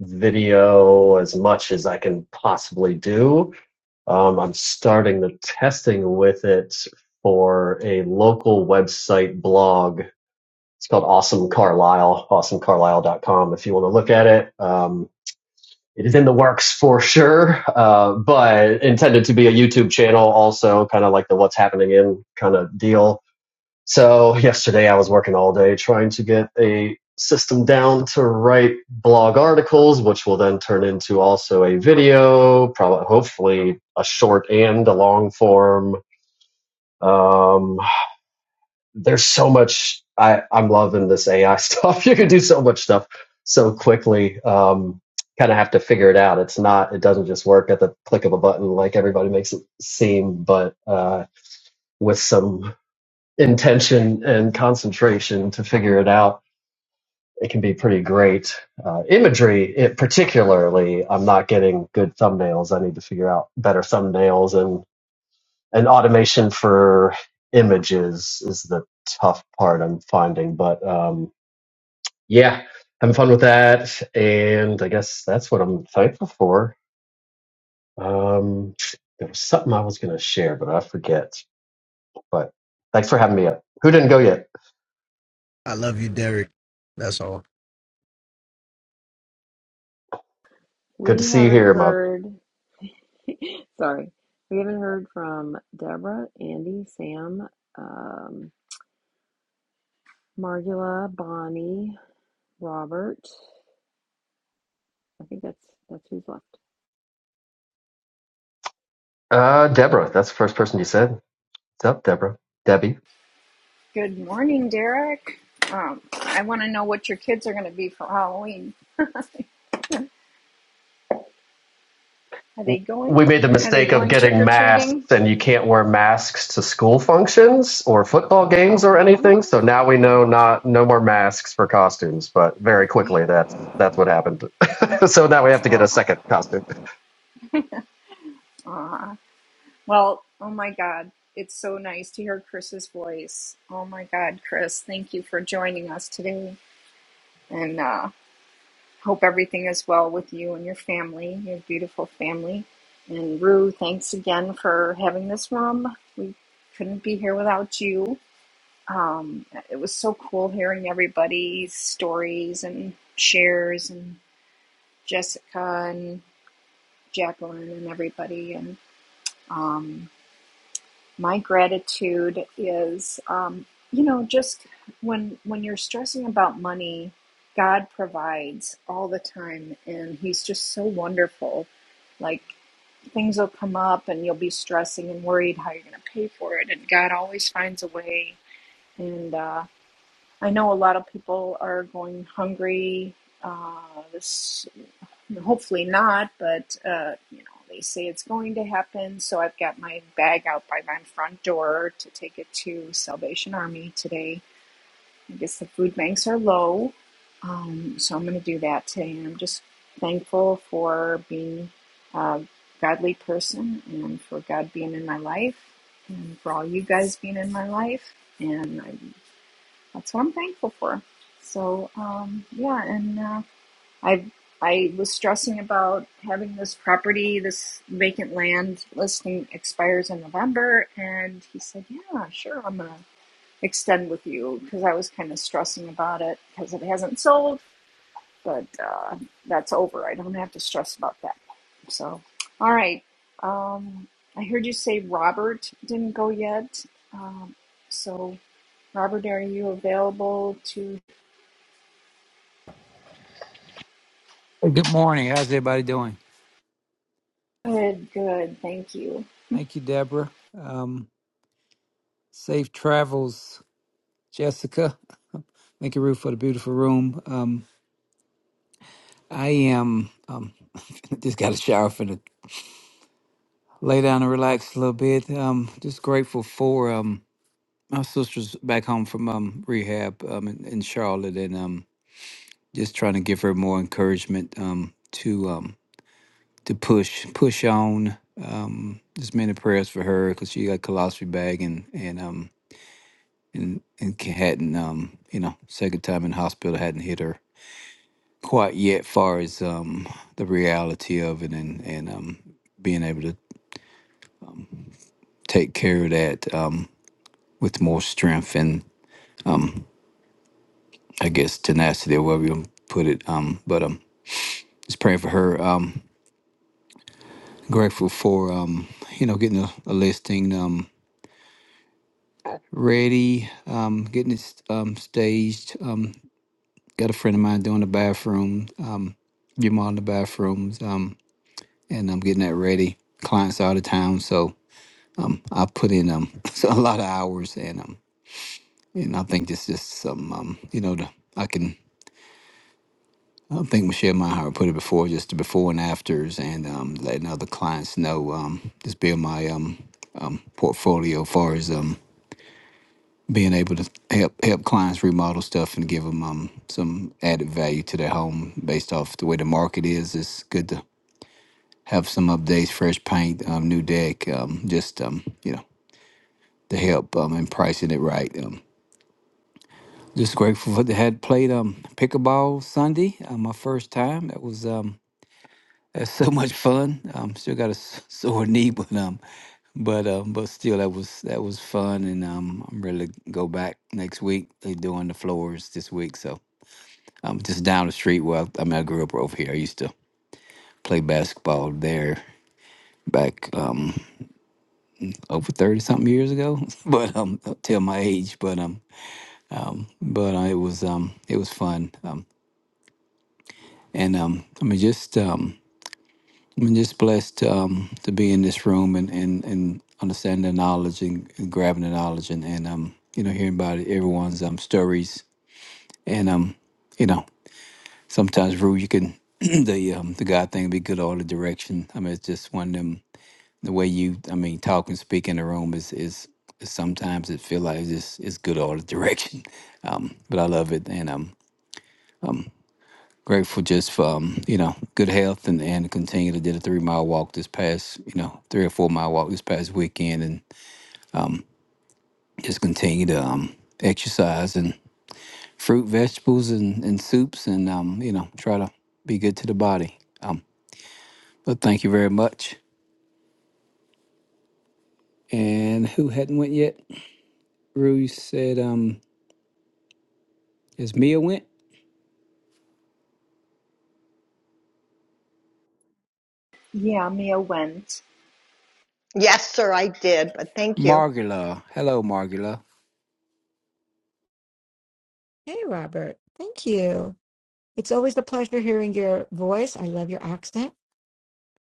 video, as much as I can possibly do. Um, I'm starting the testing with it for a local website blog. It's called Awesome Carlisle, awesomecarlisle.com if you want to look at it. Um, it is in the works for sure, uh, but intended to be a YouTube channel also, kind of like the what's happening in kind of deal. So yesterday I was working all day trying to get a system down to write blog articles, which will then turn into also a video, probably hopefully a short and a long form. Um, there's so much I, I'm loving this AI stuff. You can do so much stuff so quickly. Um, kind of have to figure it out. It's not, it doesn't just work at the click of a button like everybody makes it seem, but uh, with some intention and concentration to figure it out, it can be pretty great. Uh, imagery, it particularly, I'm not getting good thumbnails. I need to figure out better thumbnails and and automation for images is the tough part I'm finding. But um, yeah, having fun with that, and I guess that's what I'm thankful for. Um, there was something I was gonna share, but I forget. But thanks for having me up. Who didn't go yet?
I love you, Derek. That's all.
Good to
We
see you
haven't
here, Mug.
heard. Sorry, we haven't heard from Deborah, Andy, Sam, um, Margula, Bonnie, Robert. I think that's that's who's left.
Uh, Deborah, that's the first person you said. What's up, Deborah? Debbie.
Good morning, Derek. Um, I want to know what your kids are going to be for Halloween. Are they
we
going?
made the
Are they
mistake of
going trick
getting
or treating?
masks and you can't wear masks to school functions or football games or anything so now we know not no more masks for costumes but very quickly that's that's what happened so now we have to get a
Oh,
second costume
aw. well, oh my God. It's so nice to hear Chris's voice. Oh my God, Chris, thank you for joining us today. And uh, hope everything is well with you and your family, your beautiful family. And Rue, thanks again for having this room. We couldn't be here without you. Um, it was so cool hearing everybody's stories and shares and Jessica and Jacqueline and everybody. And um, my gratitude is, um, you know, just when when you're stressing about money, God provides all the time, and He's just so wonderful. Like things will come up, and you'll be stressing and worried how you're going to pay for it, and God always finds a way. And uh, I know a lot of people are going hungry. Uh, this hopefully not, but uh, you know they say it's going to happen. So I've got my bag out by my front door to take it to Salvation Army today. I guess the food banks are low, um, so I'm going to do that today. And I'm just thankful for being a godly person and for God being in my life and for all you guys being in my life. and. I that's what I'm thankful for. So um, yeah, and uh, I I was stressing about having this property, this vacant land listing expires in November, and he said, "Yeah, sure, I'm gonna extend with you," because I was kind of stressing about it because it hasn't sold, but uh, that's over. I don't have to stress about that. So, all right. Um, I heard you say Robert didn't go yet, um, so. Robert, are you available to
Good morning. How's everybody doing?
Good, good, thank you.
Thank you, Deborah. Um, safe travels, Jessica. Thank you, Ruth, for the beautiful room. Um, I am um, just got a shower for the lay down and relax a little bit. Um, just grateful for um, my sister's back home from um, rehab um, in, in Charlotte, and um, just trying to give her more encouragement um, to um, to push push on. Um, just many prayers for her because she got a colostomy bag and and um, and and ca- hadn't um you know second time in hospital hadn't hit her quite yet far as um the reality of it and and um being able to take care of that um with more strength and I guess tenacity or whatever you wanna put it um but um just praying for her um grateful for um you know getting a, a listing um ready um getting it s- um staged um got a friend of mine doing the bathroom um your mom in the bathrooms. um, and I'm getting that ready. Clients are out of town, so I put in um so a lot of hours, and um and I think this is just some um you know the, I can I don't think Michelle Meinhardt put it before just the before and afters, and um letting other clients know um just build my um um portfolio as far as um being able to help help clients remodel stuff and give them um some added value to their home based off the way the market is. It's good to have some updates, fresh paint, um, new deck, um, just um, you know the help um, in pricing it right. Um, just grateful for the had played um, pickleball Sunday, uh, my first time. That was um, that's so much fun. Um, still got a s- sore knee, but um, but um, but still that was that was fun, and um, I'm ready to go back next week. They're doing the floors this week, so I'm just down the street. Well, I mean, I grew up over here. I used to play basketball there back um, over 30 something years ago but um tell my age but um but uh, it was um it was fun Um, and um, I mean, just um, I'm just blessed um, to be in this room and and and understand the knowledge and, and grabbing the knowledge and and um, you know, hearing about everyone's um stories and um, you know, sometimes Rue, you can the um the God thing be good all the direction. I mean, it's just one of them. The way you, I mean, talk and speak in the room is is sometimes it feel like it's just it's good all the direction. Um, but I love it and um. Grateful just for um, you know good health and and continue to did a three mile walk this past you know three or four mile walk this past weekend and just continue to um, exercise and fruit vegetables and and soups and um, you know try to be good to the body. Um, but thank you very much. And who hadn't went yet? Rue said um, is Mia went?
Yeah, Mia went.
Yes, sir, I did, but thank you.
Margula, hello Margula.
Hey, Robert. Thank you. It's always a pleasure hearing your voice. I love your accent.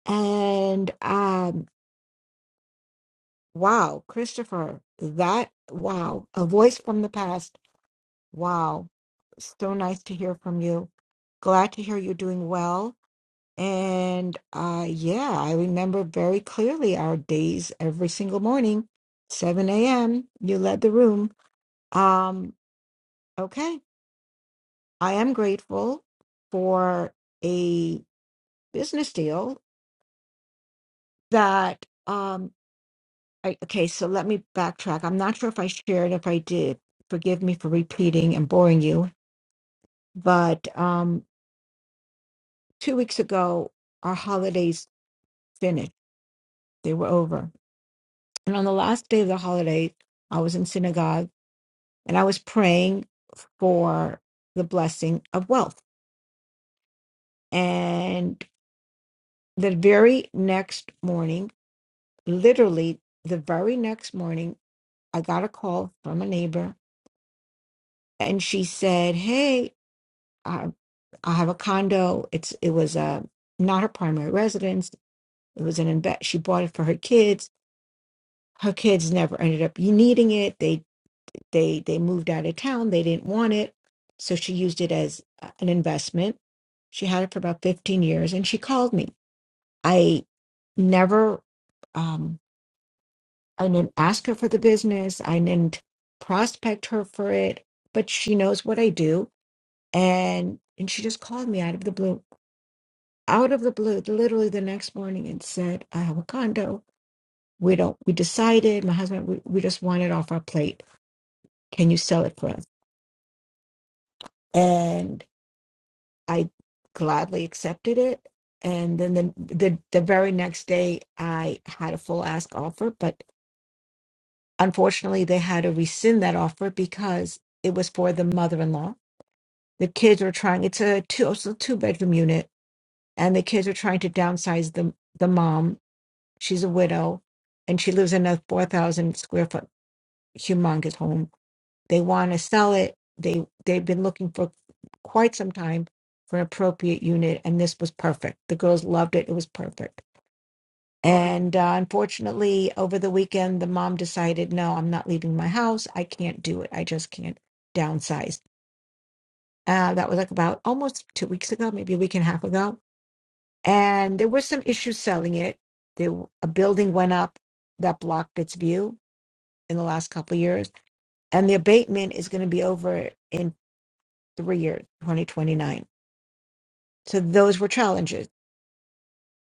And um, wow, Christopher, that wow, a voice from the past. Wow. So nice to hear from you. Glad to hear you're doing well. And uh, yeah, I remember very clearly our days every single morning, 7 a.m. You led the room. Um, okay, I am grateful for a business deal that. Um, I, okay, so let me backtrack. I'm not sure if I shared. If I did, forgive me for repeating and boring you. But um, two weeks ago, our holidays finished. They were over, and on the last day of the holiday, I was in synagogue and I was praying for the blessing of wealth. And the very next morning, literally the very next morning, I got a call from a neighbor and she said, Hey, I, I have a condo. It's it was uh, not her primary residence. It was an invest. She bought it for her kids. Her kids never ended up needing it. They." they they moved out of town they didn't want it so she used it as uh, an investment she had it for about 15 years and she called me i never um i didn't ask her for the business i didn't prospect her for it but she knows what i do and and she just called me out of the blue out of the blue literally the next morning and said i have a condo we don't we decided my husband we, we just want it off our plate can you sell it for us and I gladly accepted it. And then the, the the very next day, I had a full ask offer, but unfortunately, they had to rescind that offer because it was for the mother-in-law. The kids were trying. It's a two it's a two-bedroom unit, and the kids are trying to downsize the the mom. She's a widow, and she lives in a four thousand square foot humongous home They want to sell it. They they've been looking for quite some time for an appropriate unit, and this was perfect. The girls loved it. It was perfect. And uh, unfortunately, over the weekend, the mom decided, no, I'm not leaving my house. I can't do it. I just can't downsize. Uh, that was like about almost two weeks ago, maybe a week and a half ago. And there were some issues selling it. There, a building went up that blocked its view in the last couple of years, and the abatement is going to be over in three years, 2029 so those were challenges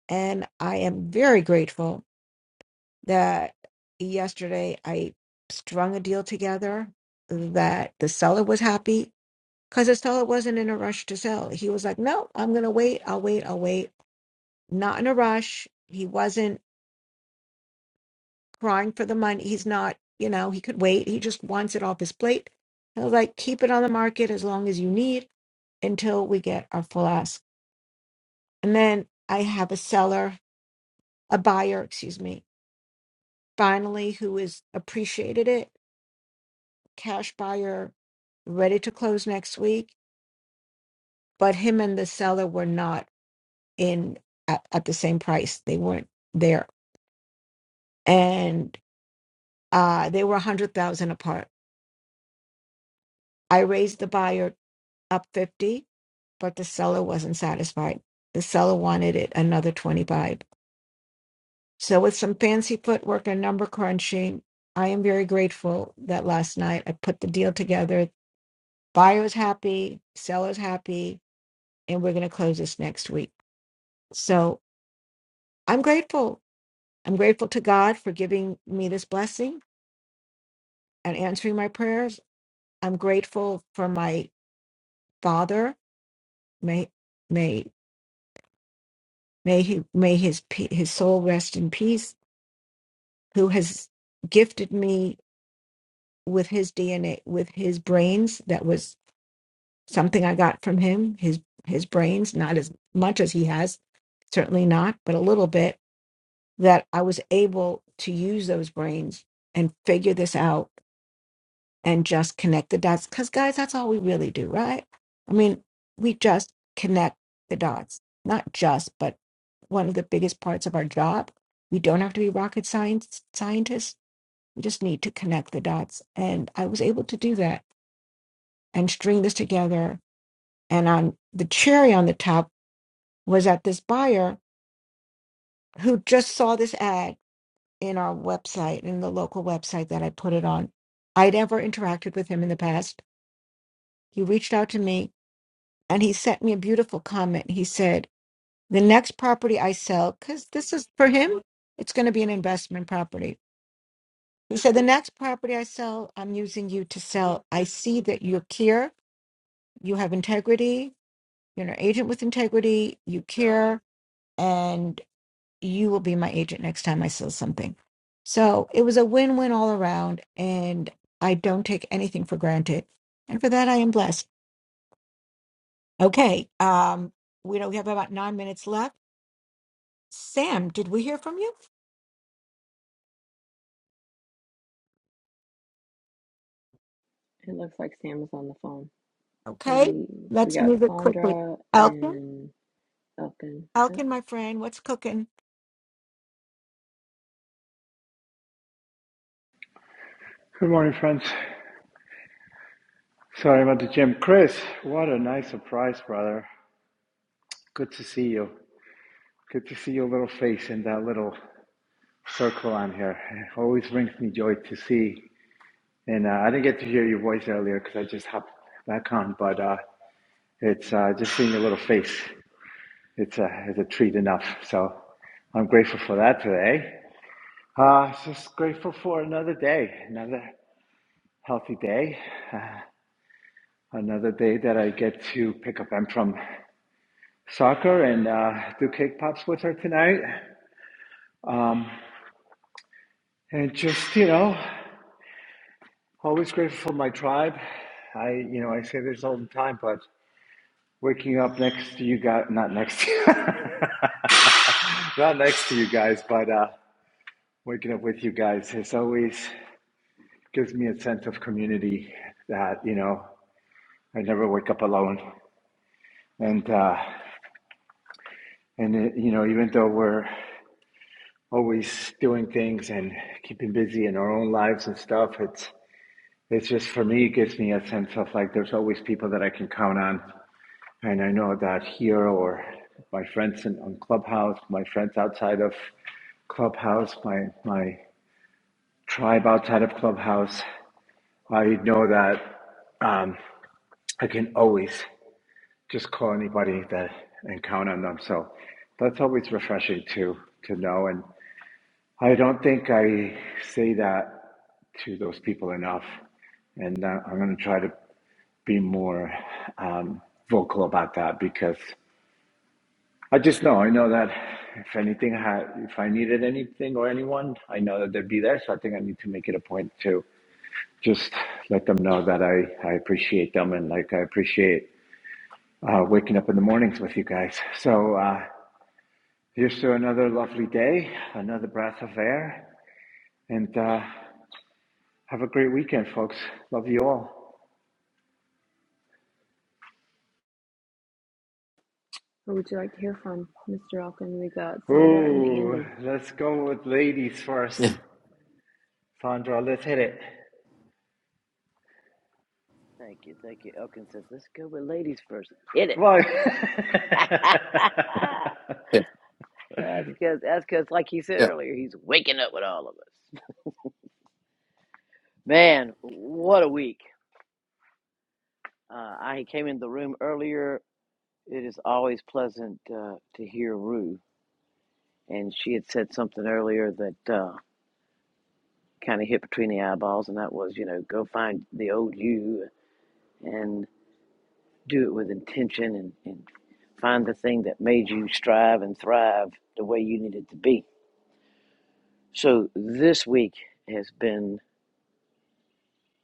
and i am very grateful that yesterday i strung a deal together that the seller was happy because the seller wasn't in a rush to sell he was like no i'm going to wait i'll wait i'll wait not in a rush he wasn't crying for the money he's not you know he could wait he just wants it off his plate i was like keep it on the market as long as you need until we get our full ask and then i have a seller a buyer, excuse me, finally who is appreciated it, cash buyer, ready to close next week, but him and the seller were not in at, at the same price. They weren't there, and uh, they were a hundred thousand apart. I raised the buyer up fifty, but the seller wasn't satisfied. The seller wanted it another twenty-five. So with some fancy footwork and number crunching, I am very grateful that last night I put the deal together buyer's happy, seller's happy, and we're going to close this next week. So I'm grateful. I'm grateful to God for giving me this blessing and answering my prayers. I'm grateful for my father. May may may he may his pe- his soul rest in peace. Who has gifted me with his DNA, with his brains? That was something I got from him. His his brains, not as much as he has, certainly not, but a little bit that I was able to use those brains and figure this out and just connect the dots. Because, guys, that's all we really do, right? I mean, we just connect the dots, not just, but one of the biggest parts of our job. We don't have to be rocket science scientists. We just need to connect the dots. And I was able to do that and string this together. And on the cherry on the top was that this buyer who just saw this ad in our website, in the local website that I put it on. I never interacted with him in the past. He reached out to me and he sent me a beautiful comment. He said, The next property I sell, because this is for him, it's going to be an investment property. He said, The next property I sell, I'm using you to sell. I see that you care, you have integrity, you're an agent with integrity, you care. and." you will be my agent next time I sell something. So it was a win win all around, and I don't take anything for granted. And for that, I am blessed. Okay, um, we know we have about nine minutes left. Sam, did we hear from you?
It looks like Sam is on the phone.
Okay,
Maybe we
let's
got
move it quickly.
Sandra
Elkin,
and Elkin. Yep.
Elkin, my friend, what's cooking?
Good morning, friends. Sorry about the gym. Chris, what a nice surprise, brother. Good to see you. Good to see your little face in that little circle on here. It always brings me joy to see. And uh, I didn't get to hear your voice earlier because I just hopped back on, but uh, it's uh, just seeing your little face. It's a, it's a treat enough. So I'm grateful for that today. Uh, just grateful for another day, another healthy day, uh, another day that I get to pick up M from soccer and uh, do cake pops with her tonight. Um, and just, you know, always grateful for my tribe. I, you know, I say this all the time, but waking up next to you guys, not next to you, not next to you guys, but uh, waking up with you guys is always gives me a sense of community that, you know, I never wake up alone. And, uh, and it, you know, even though we're always doing things and keeping busy in our own lives and stuff, it's It's just for me, it gives me a sense of like there's always people that I can count on. And I know that here or my friends in, on Clubhouse, my friends outside of Clubhouse, my, my tribe outside of Clubhouse, I know that um, I can always just call anybody that and count on them. So that's always refreshing to to know. And I don't think I say that to those people enough. And uh, I'm going to try to be more um, vocal about that because I just know I know that if anything had if I needed anything or anyone, I know that they'd be there. So I think I need to make it a point to just let them know that I I appreciate them and like I appreciate uh, waking up in the mornings with you guys. So uh, here's to another lovely day, another breath of air, and uh, have a great weekend, folks. Love you all.
Who would you like to hear from, Mr. Elkin? We got Sandra and
Ooh,
Andy.
let's go with ladies first.
Yeah,
Sandra, let's hit it.
Thank you, thank you. Elkins says, let's go with ladies first. Hit it.
Right.
that's
yeah,
because, that's because, like he said
yeah.
earlier, he's waking up with all of us. Man, what a week. Uh, I came in the room earlier. It is always pleasant uh, to hear Rue. And she had said something earlier that uh, kind of hit between the eyeballs, and that was, you know, go find the old you and do it with intention and, and find the thing that made you strive and thrive the way you needed to be So this week has been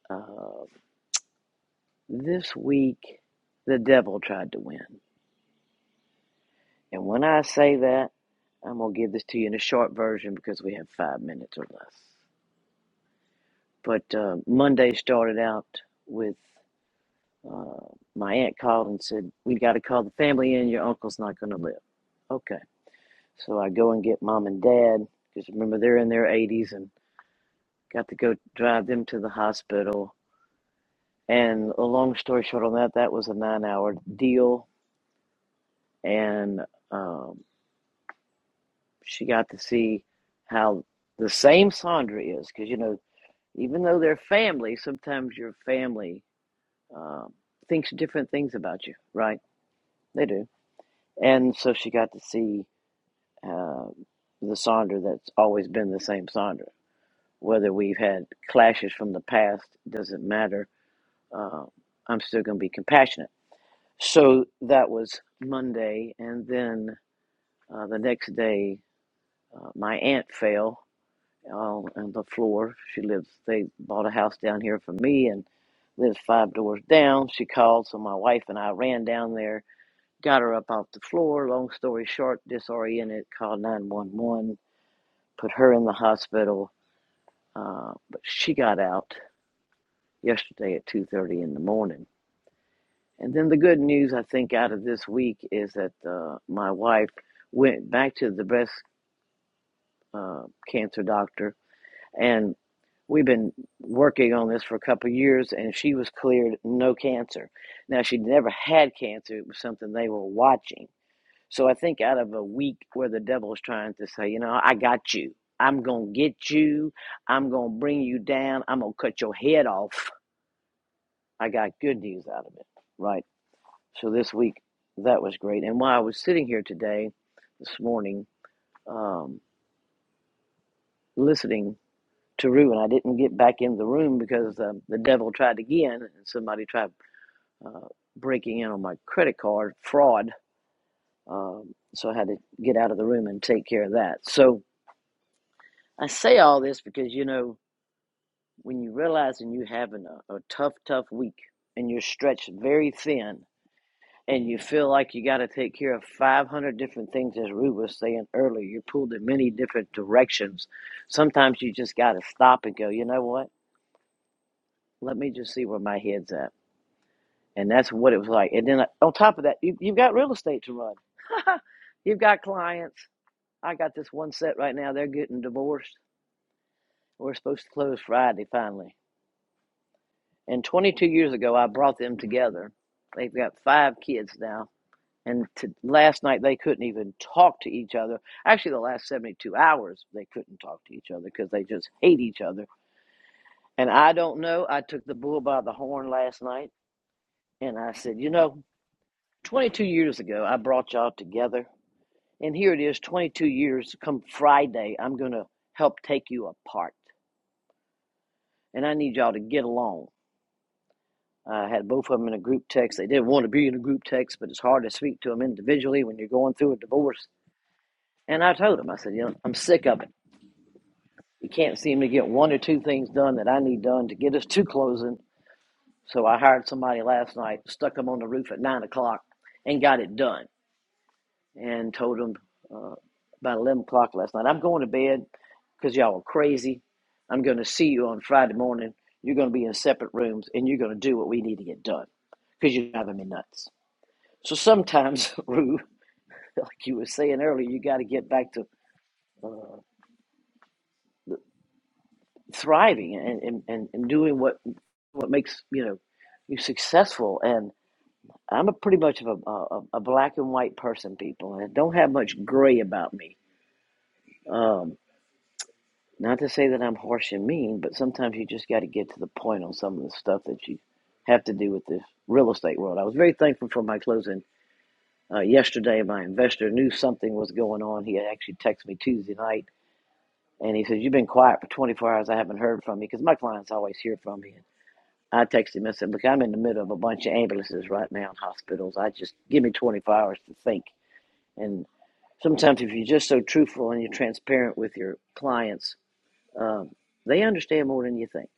uh, this week. The devil tried to win, and when I say that, I'm gonna give this to you in a short version because we have five minutes or less. But uh, Monday started out with uh, my aunt called and said, "We got to call the family in. Your uncle's not gonna live." Okay, so I go and get mom and dad because remember they're in their 80s and got to go drive them to the hospital And a long story short on that, that was a nine hour deal. And um, she got to see how the same Sandra is. Because, you know, even though they're family, sometimes your family um, thinks different things about you, right? They do. And so she got to see uh, the Sandra that's always been the same Sandra. Whether we've had clashes from the past doesn't matter. Um, I'm still going to be compassionate So that was Monday, and then uh, the next day, uh, my aunt fell on, on the floor. She lives. They bought a house down here for me, and lives five doors down. She called, so my wife and I ran down there, got her up off the floor. Long story short, disoriented, called nine one one, put her in the hospital. Uh, but she got out yesterday at two thirty in the morning And then the good news I think out of this week is that uh, my wife went back to the breast uh, cancer doctor, and we've been working on this for a couple of years, and she was cleared no cancer. Now she never had cancer; it was something they were watching. So I think out of a week where the devil's trying to say, you know, I got you. I'm going to get you. I'm going to bring you down. I'm going to cut your head off. I got good news out of it, right? So this week, that was great. And while I was sitting here today, this morning, um, listening to Rue, and I didn't get back in the room because um, the devil tried again, and somebody tried uh, breaking in on my credit card fraud. Um, so I had to get out of the room and take care of that. So I say all this because, you know, when you realize and you having a, a tough, tough week and you're stretched very thin and you feel like you got to take care of 500 different things, as Rue was saying earlier, you're pulled in many different directions. Sometimes you just got to stop and go, you know what? Let me just see where my head's at. And that's what it was like. And then uh, on top of that, you, you've got real estate to run, you've got clients. I got this one set right now, they're getting divorced. We're supposed to close Friday finally. And 22 years ago, I brought them together. They've got five kids now And to, last night they couldn't even talk to each other. Actually, the last 72 hours they couldn't talk to each other because they just hate each other. And I don't know. I took the bull by the horn last night and I said, you know, 22 years ago I brought y'all together. And here it is, 22 years come Friday, I'm going to help take you apart. And I need y'all to get along. I had both of them in a group text. They didn't want to be in a group text, but it's hard to speak to them individually when you're going through a divorce. And I told them, I said, you know, I'm sick of it. You can't seem to get one or two things done that I need done to get us to closing. So I hired somebody last night, stuck them on the roof at nine o'clock, and got it done. And told them about eleven o'clock last night, I'm going to bed because y'all are crazy. I'm going to see you on Friday morning. You're going to be in separate rooms, and you're going to do what we need to get done because 'cause you're driving me nuts. So sometimes, Rue, like you were saying earlier, you got to get back to thriving and, and, and doing what, what makes you know you successful. And I'm a pretty much of a, a, a black and white person, people, and don't have much gray about me. Um, not to say that I'm harsh and mean, but sometimes you just got to get to the point on some of the stuff that you have to do with the real estate world. I was very thankful for my closing uh, yesterday. My investor knew something was going on. He actually texted me Tuesday night, and he says, "You've been quiet for 24 hours. I haven't heard from you because my clients always hear from me." I texted him and said, "Look, I'm in the middle of a bunch of ambulances right now in hospitals. I just give me 24 hours to think." and Sometimes, if you're just so truthful and you're transparent with your clients, um, they understand more than you think.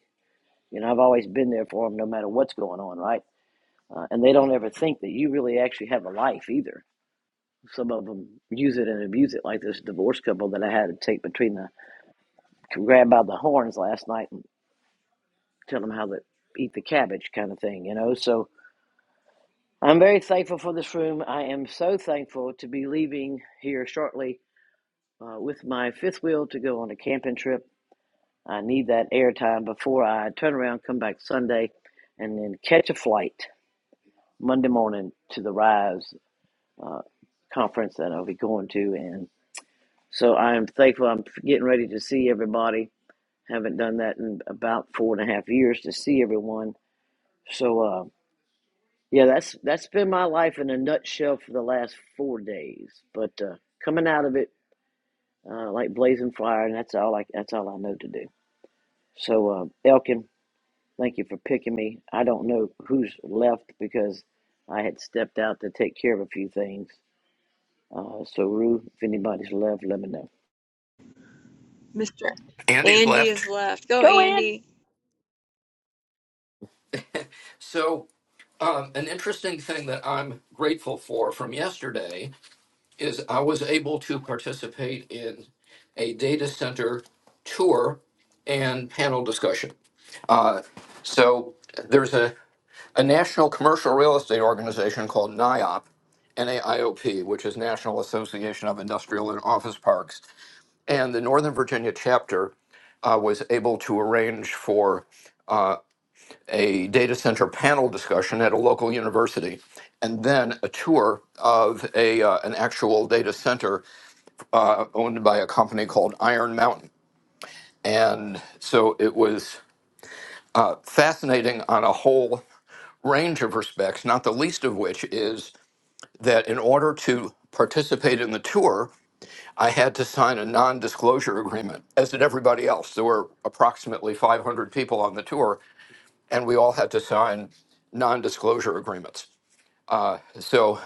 You know, I've always been there for them, no matter what's going on, right? Uh, and they don't ever think that you really actually have a life either. Some of them use it and abuse it, like this divorce couple that I had to take between the grab by the horns last night and tell them how to eat the cabbage, kind of thing. You know, so I'm very thankful for this room. I am so thankful to be leaving here shortly uh, with my fifth wheel to go on a camping trip I need that airtime before I turn around, come back Sunday, and then catch a flight Monday morning to the Rise conference that I'll be going to. And so I'm thankful I'm getting ready to see everybody. Haven't done that in about four and a half years to see everyone. So, uh, yeah, that's that's been my life in a nutshell for the last four days. But uh, coming out of it uh, like blazing fire, and that's all I that's all I know to do. So, uh, Elkin, Thank you for picking me. I don't know who's left because I had stepped out to take care of a few things. Uh, so, Rue, if anybody's left, let me know.
Mr.
Andy's
Andy
left.
is left. Go,
Go
Andy.
in.
So, um, an interesting thing that I'm grateful for from yesterday is I was able to participate in a data center tour and panel discussion. Uh, so, there's a, a national commercial real estate organization called NIOP, NAIOP, which is National Association of Industrial and Office Parks, and the Northern Virginia chapter uh, was able to arrange for a data center panel discussion at a local university, and then a tour of a uh, an actual data center uh, owned by a company called Iron Mountain. And so it was fascinating on a whole range of respects, not the least of which is that in order to participate in the tour, I had to sign a non disclosure agreement, as did everybody else. There were approximately 500 people on the tour, and we all had to sign non disclosure agreements. So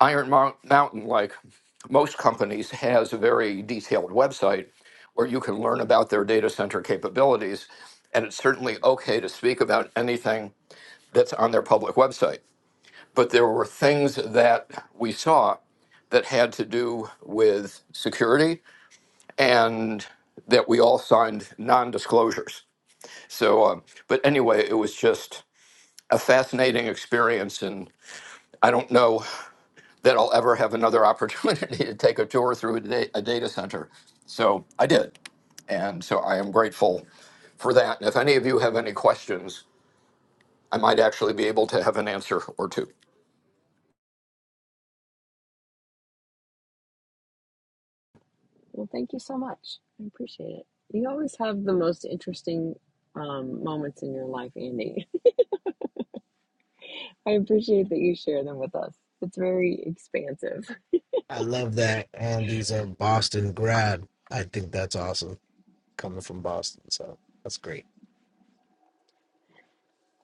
Iron Mountain, like most companies, has a very detailed website where you can learn about their data center capabilities. And it's certainly okay to speak about anything that's on their public website. But there were things that we saw that had to do with security and that we all signed non disclosures. So, um, but anyway, it was just a fascinating experience. And I don't know that I'll ever have another opportunity to take a tour through a, da- a data center. So I did. And so I am grateful for that. And if any of you have any questions, I might actually be able to have an answer or two.
Well, thank you so much. I appreciate it. You always have the most interesting um, moments in your life, Andy. I appreciate that you share them with us. It's very expansive.
I love that Andy's a Boston grad. I think that's awesome coming from Boston. So that's great.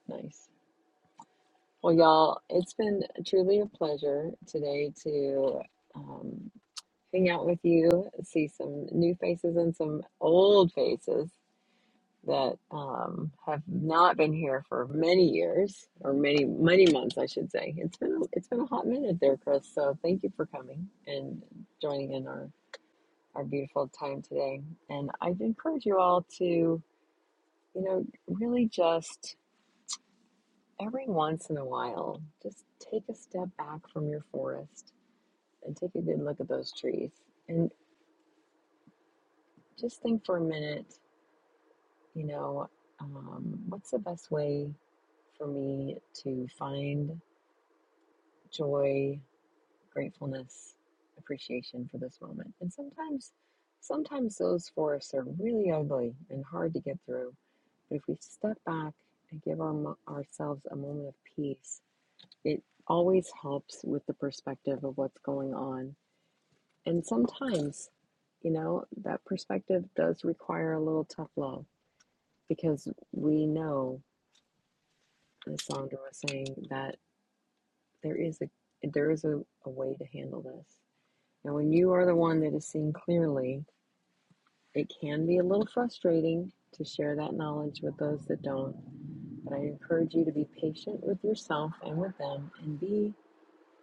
Nice. Well, y'all, it's been truly a pleasure today to um, hang out with you, see some new faces and some old faces. that um, have not been here for many years or many many months, I should say. It's been it's been a hot minute there, Chris. So thank you for coming and joining in our our beautiful time today. And I'd encourage you all to you know really just every once in a while just take a step back from your forest and take a good look at those trees and just think for a minute. You know, um, what's the best way for me to find joy, gratefulness, appreciation for this moment. And sometimes, sometimes those forests are really ugly and hard to get through. But if we step back and give our, ourselves a moment of peace, it always helps with the perspective of what's going on. And sometimes, you know, that perspective does require a little tough love because we know, as Sandra was saying, that there is a there is a, a way to handle this And when you are the one that is seeing clearly, it can be a little frustrating to share that knowledge with those that don't. But I encourage you to be patient with yourself and with them and be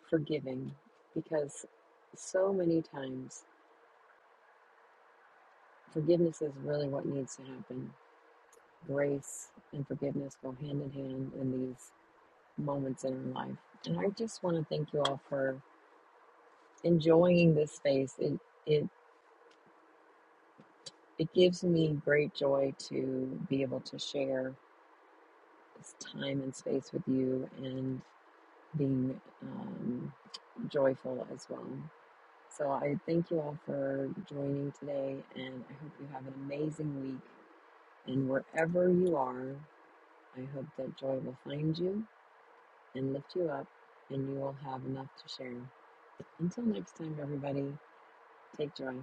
forgiving because so many times forgiveness is really what needs to happen. Grace and forgiveness go hand in hand in these moments in our life. And I just want to thank you all for enjoying this space. It, it, it gives me great joy to be able to share this time and space with you and being um, joyful as well. So I thank you all for joining today, and I hope you have an amazing week. And wherever you are, I hope that joy will find you and lift you up, and you will have enough to share. Until next time, everybody, take joy.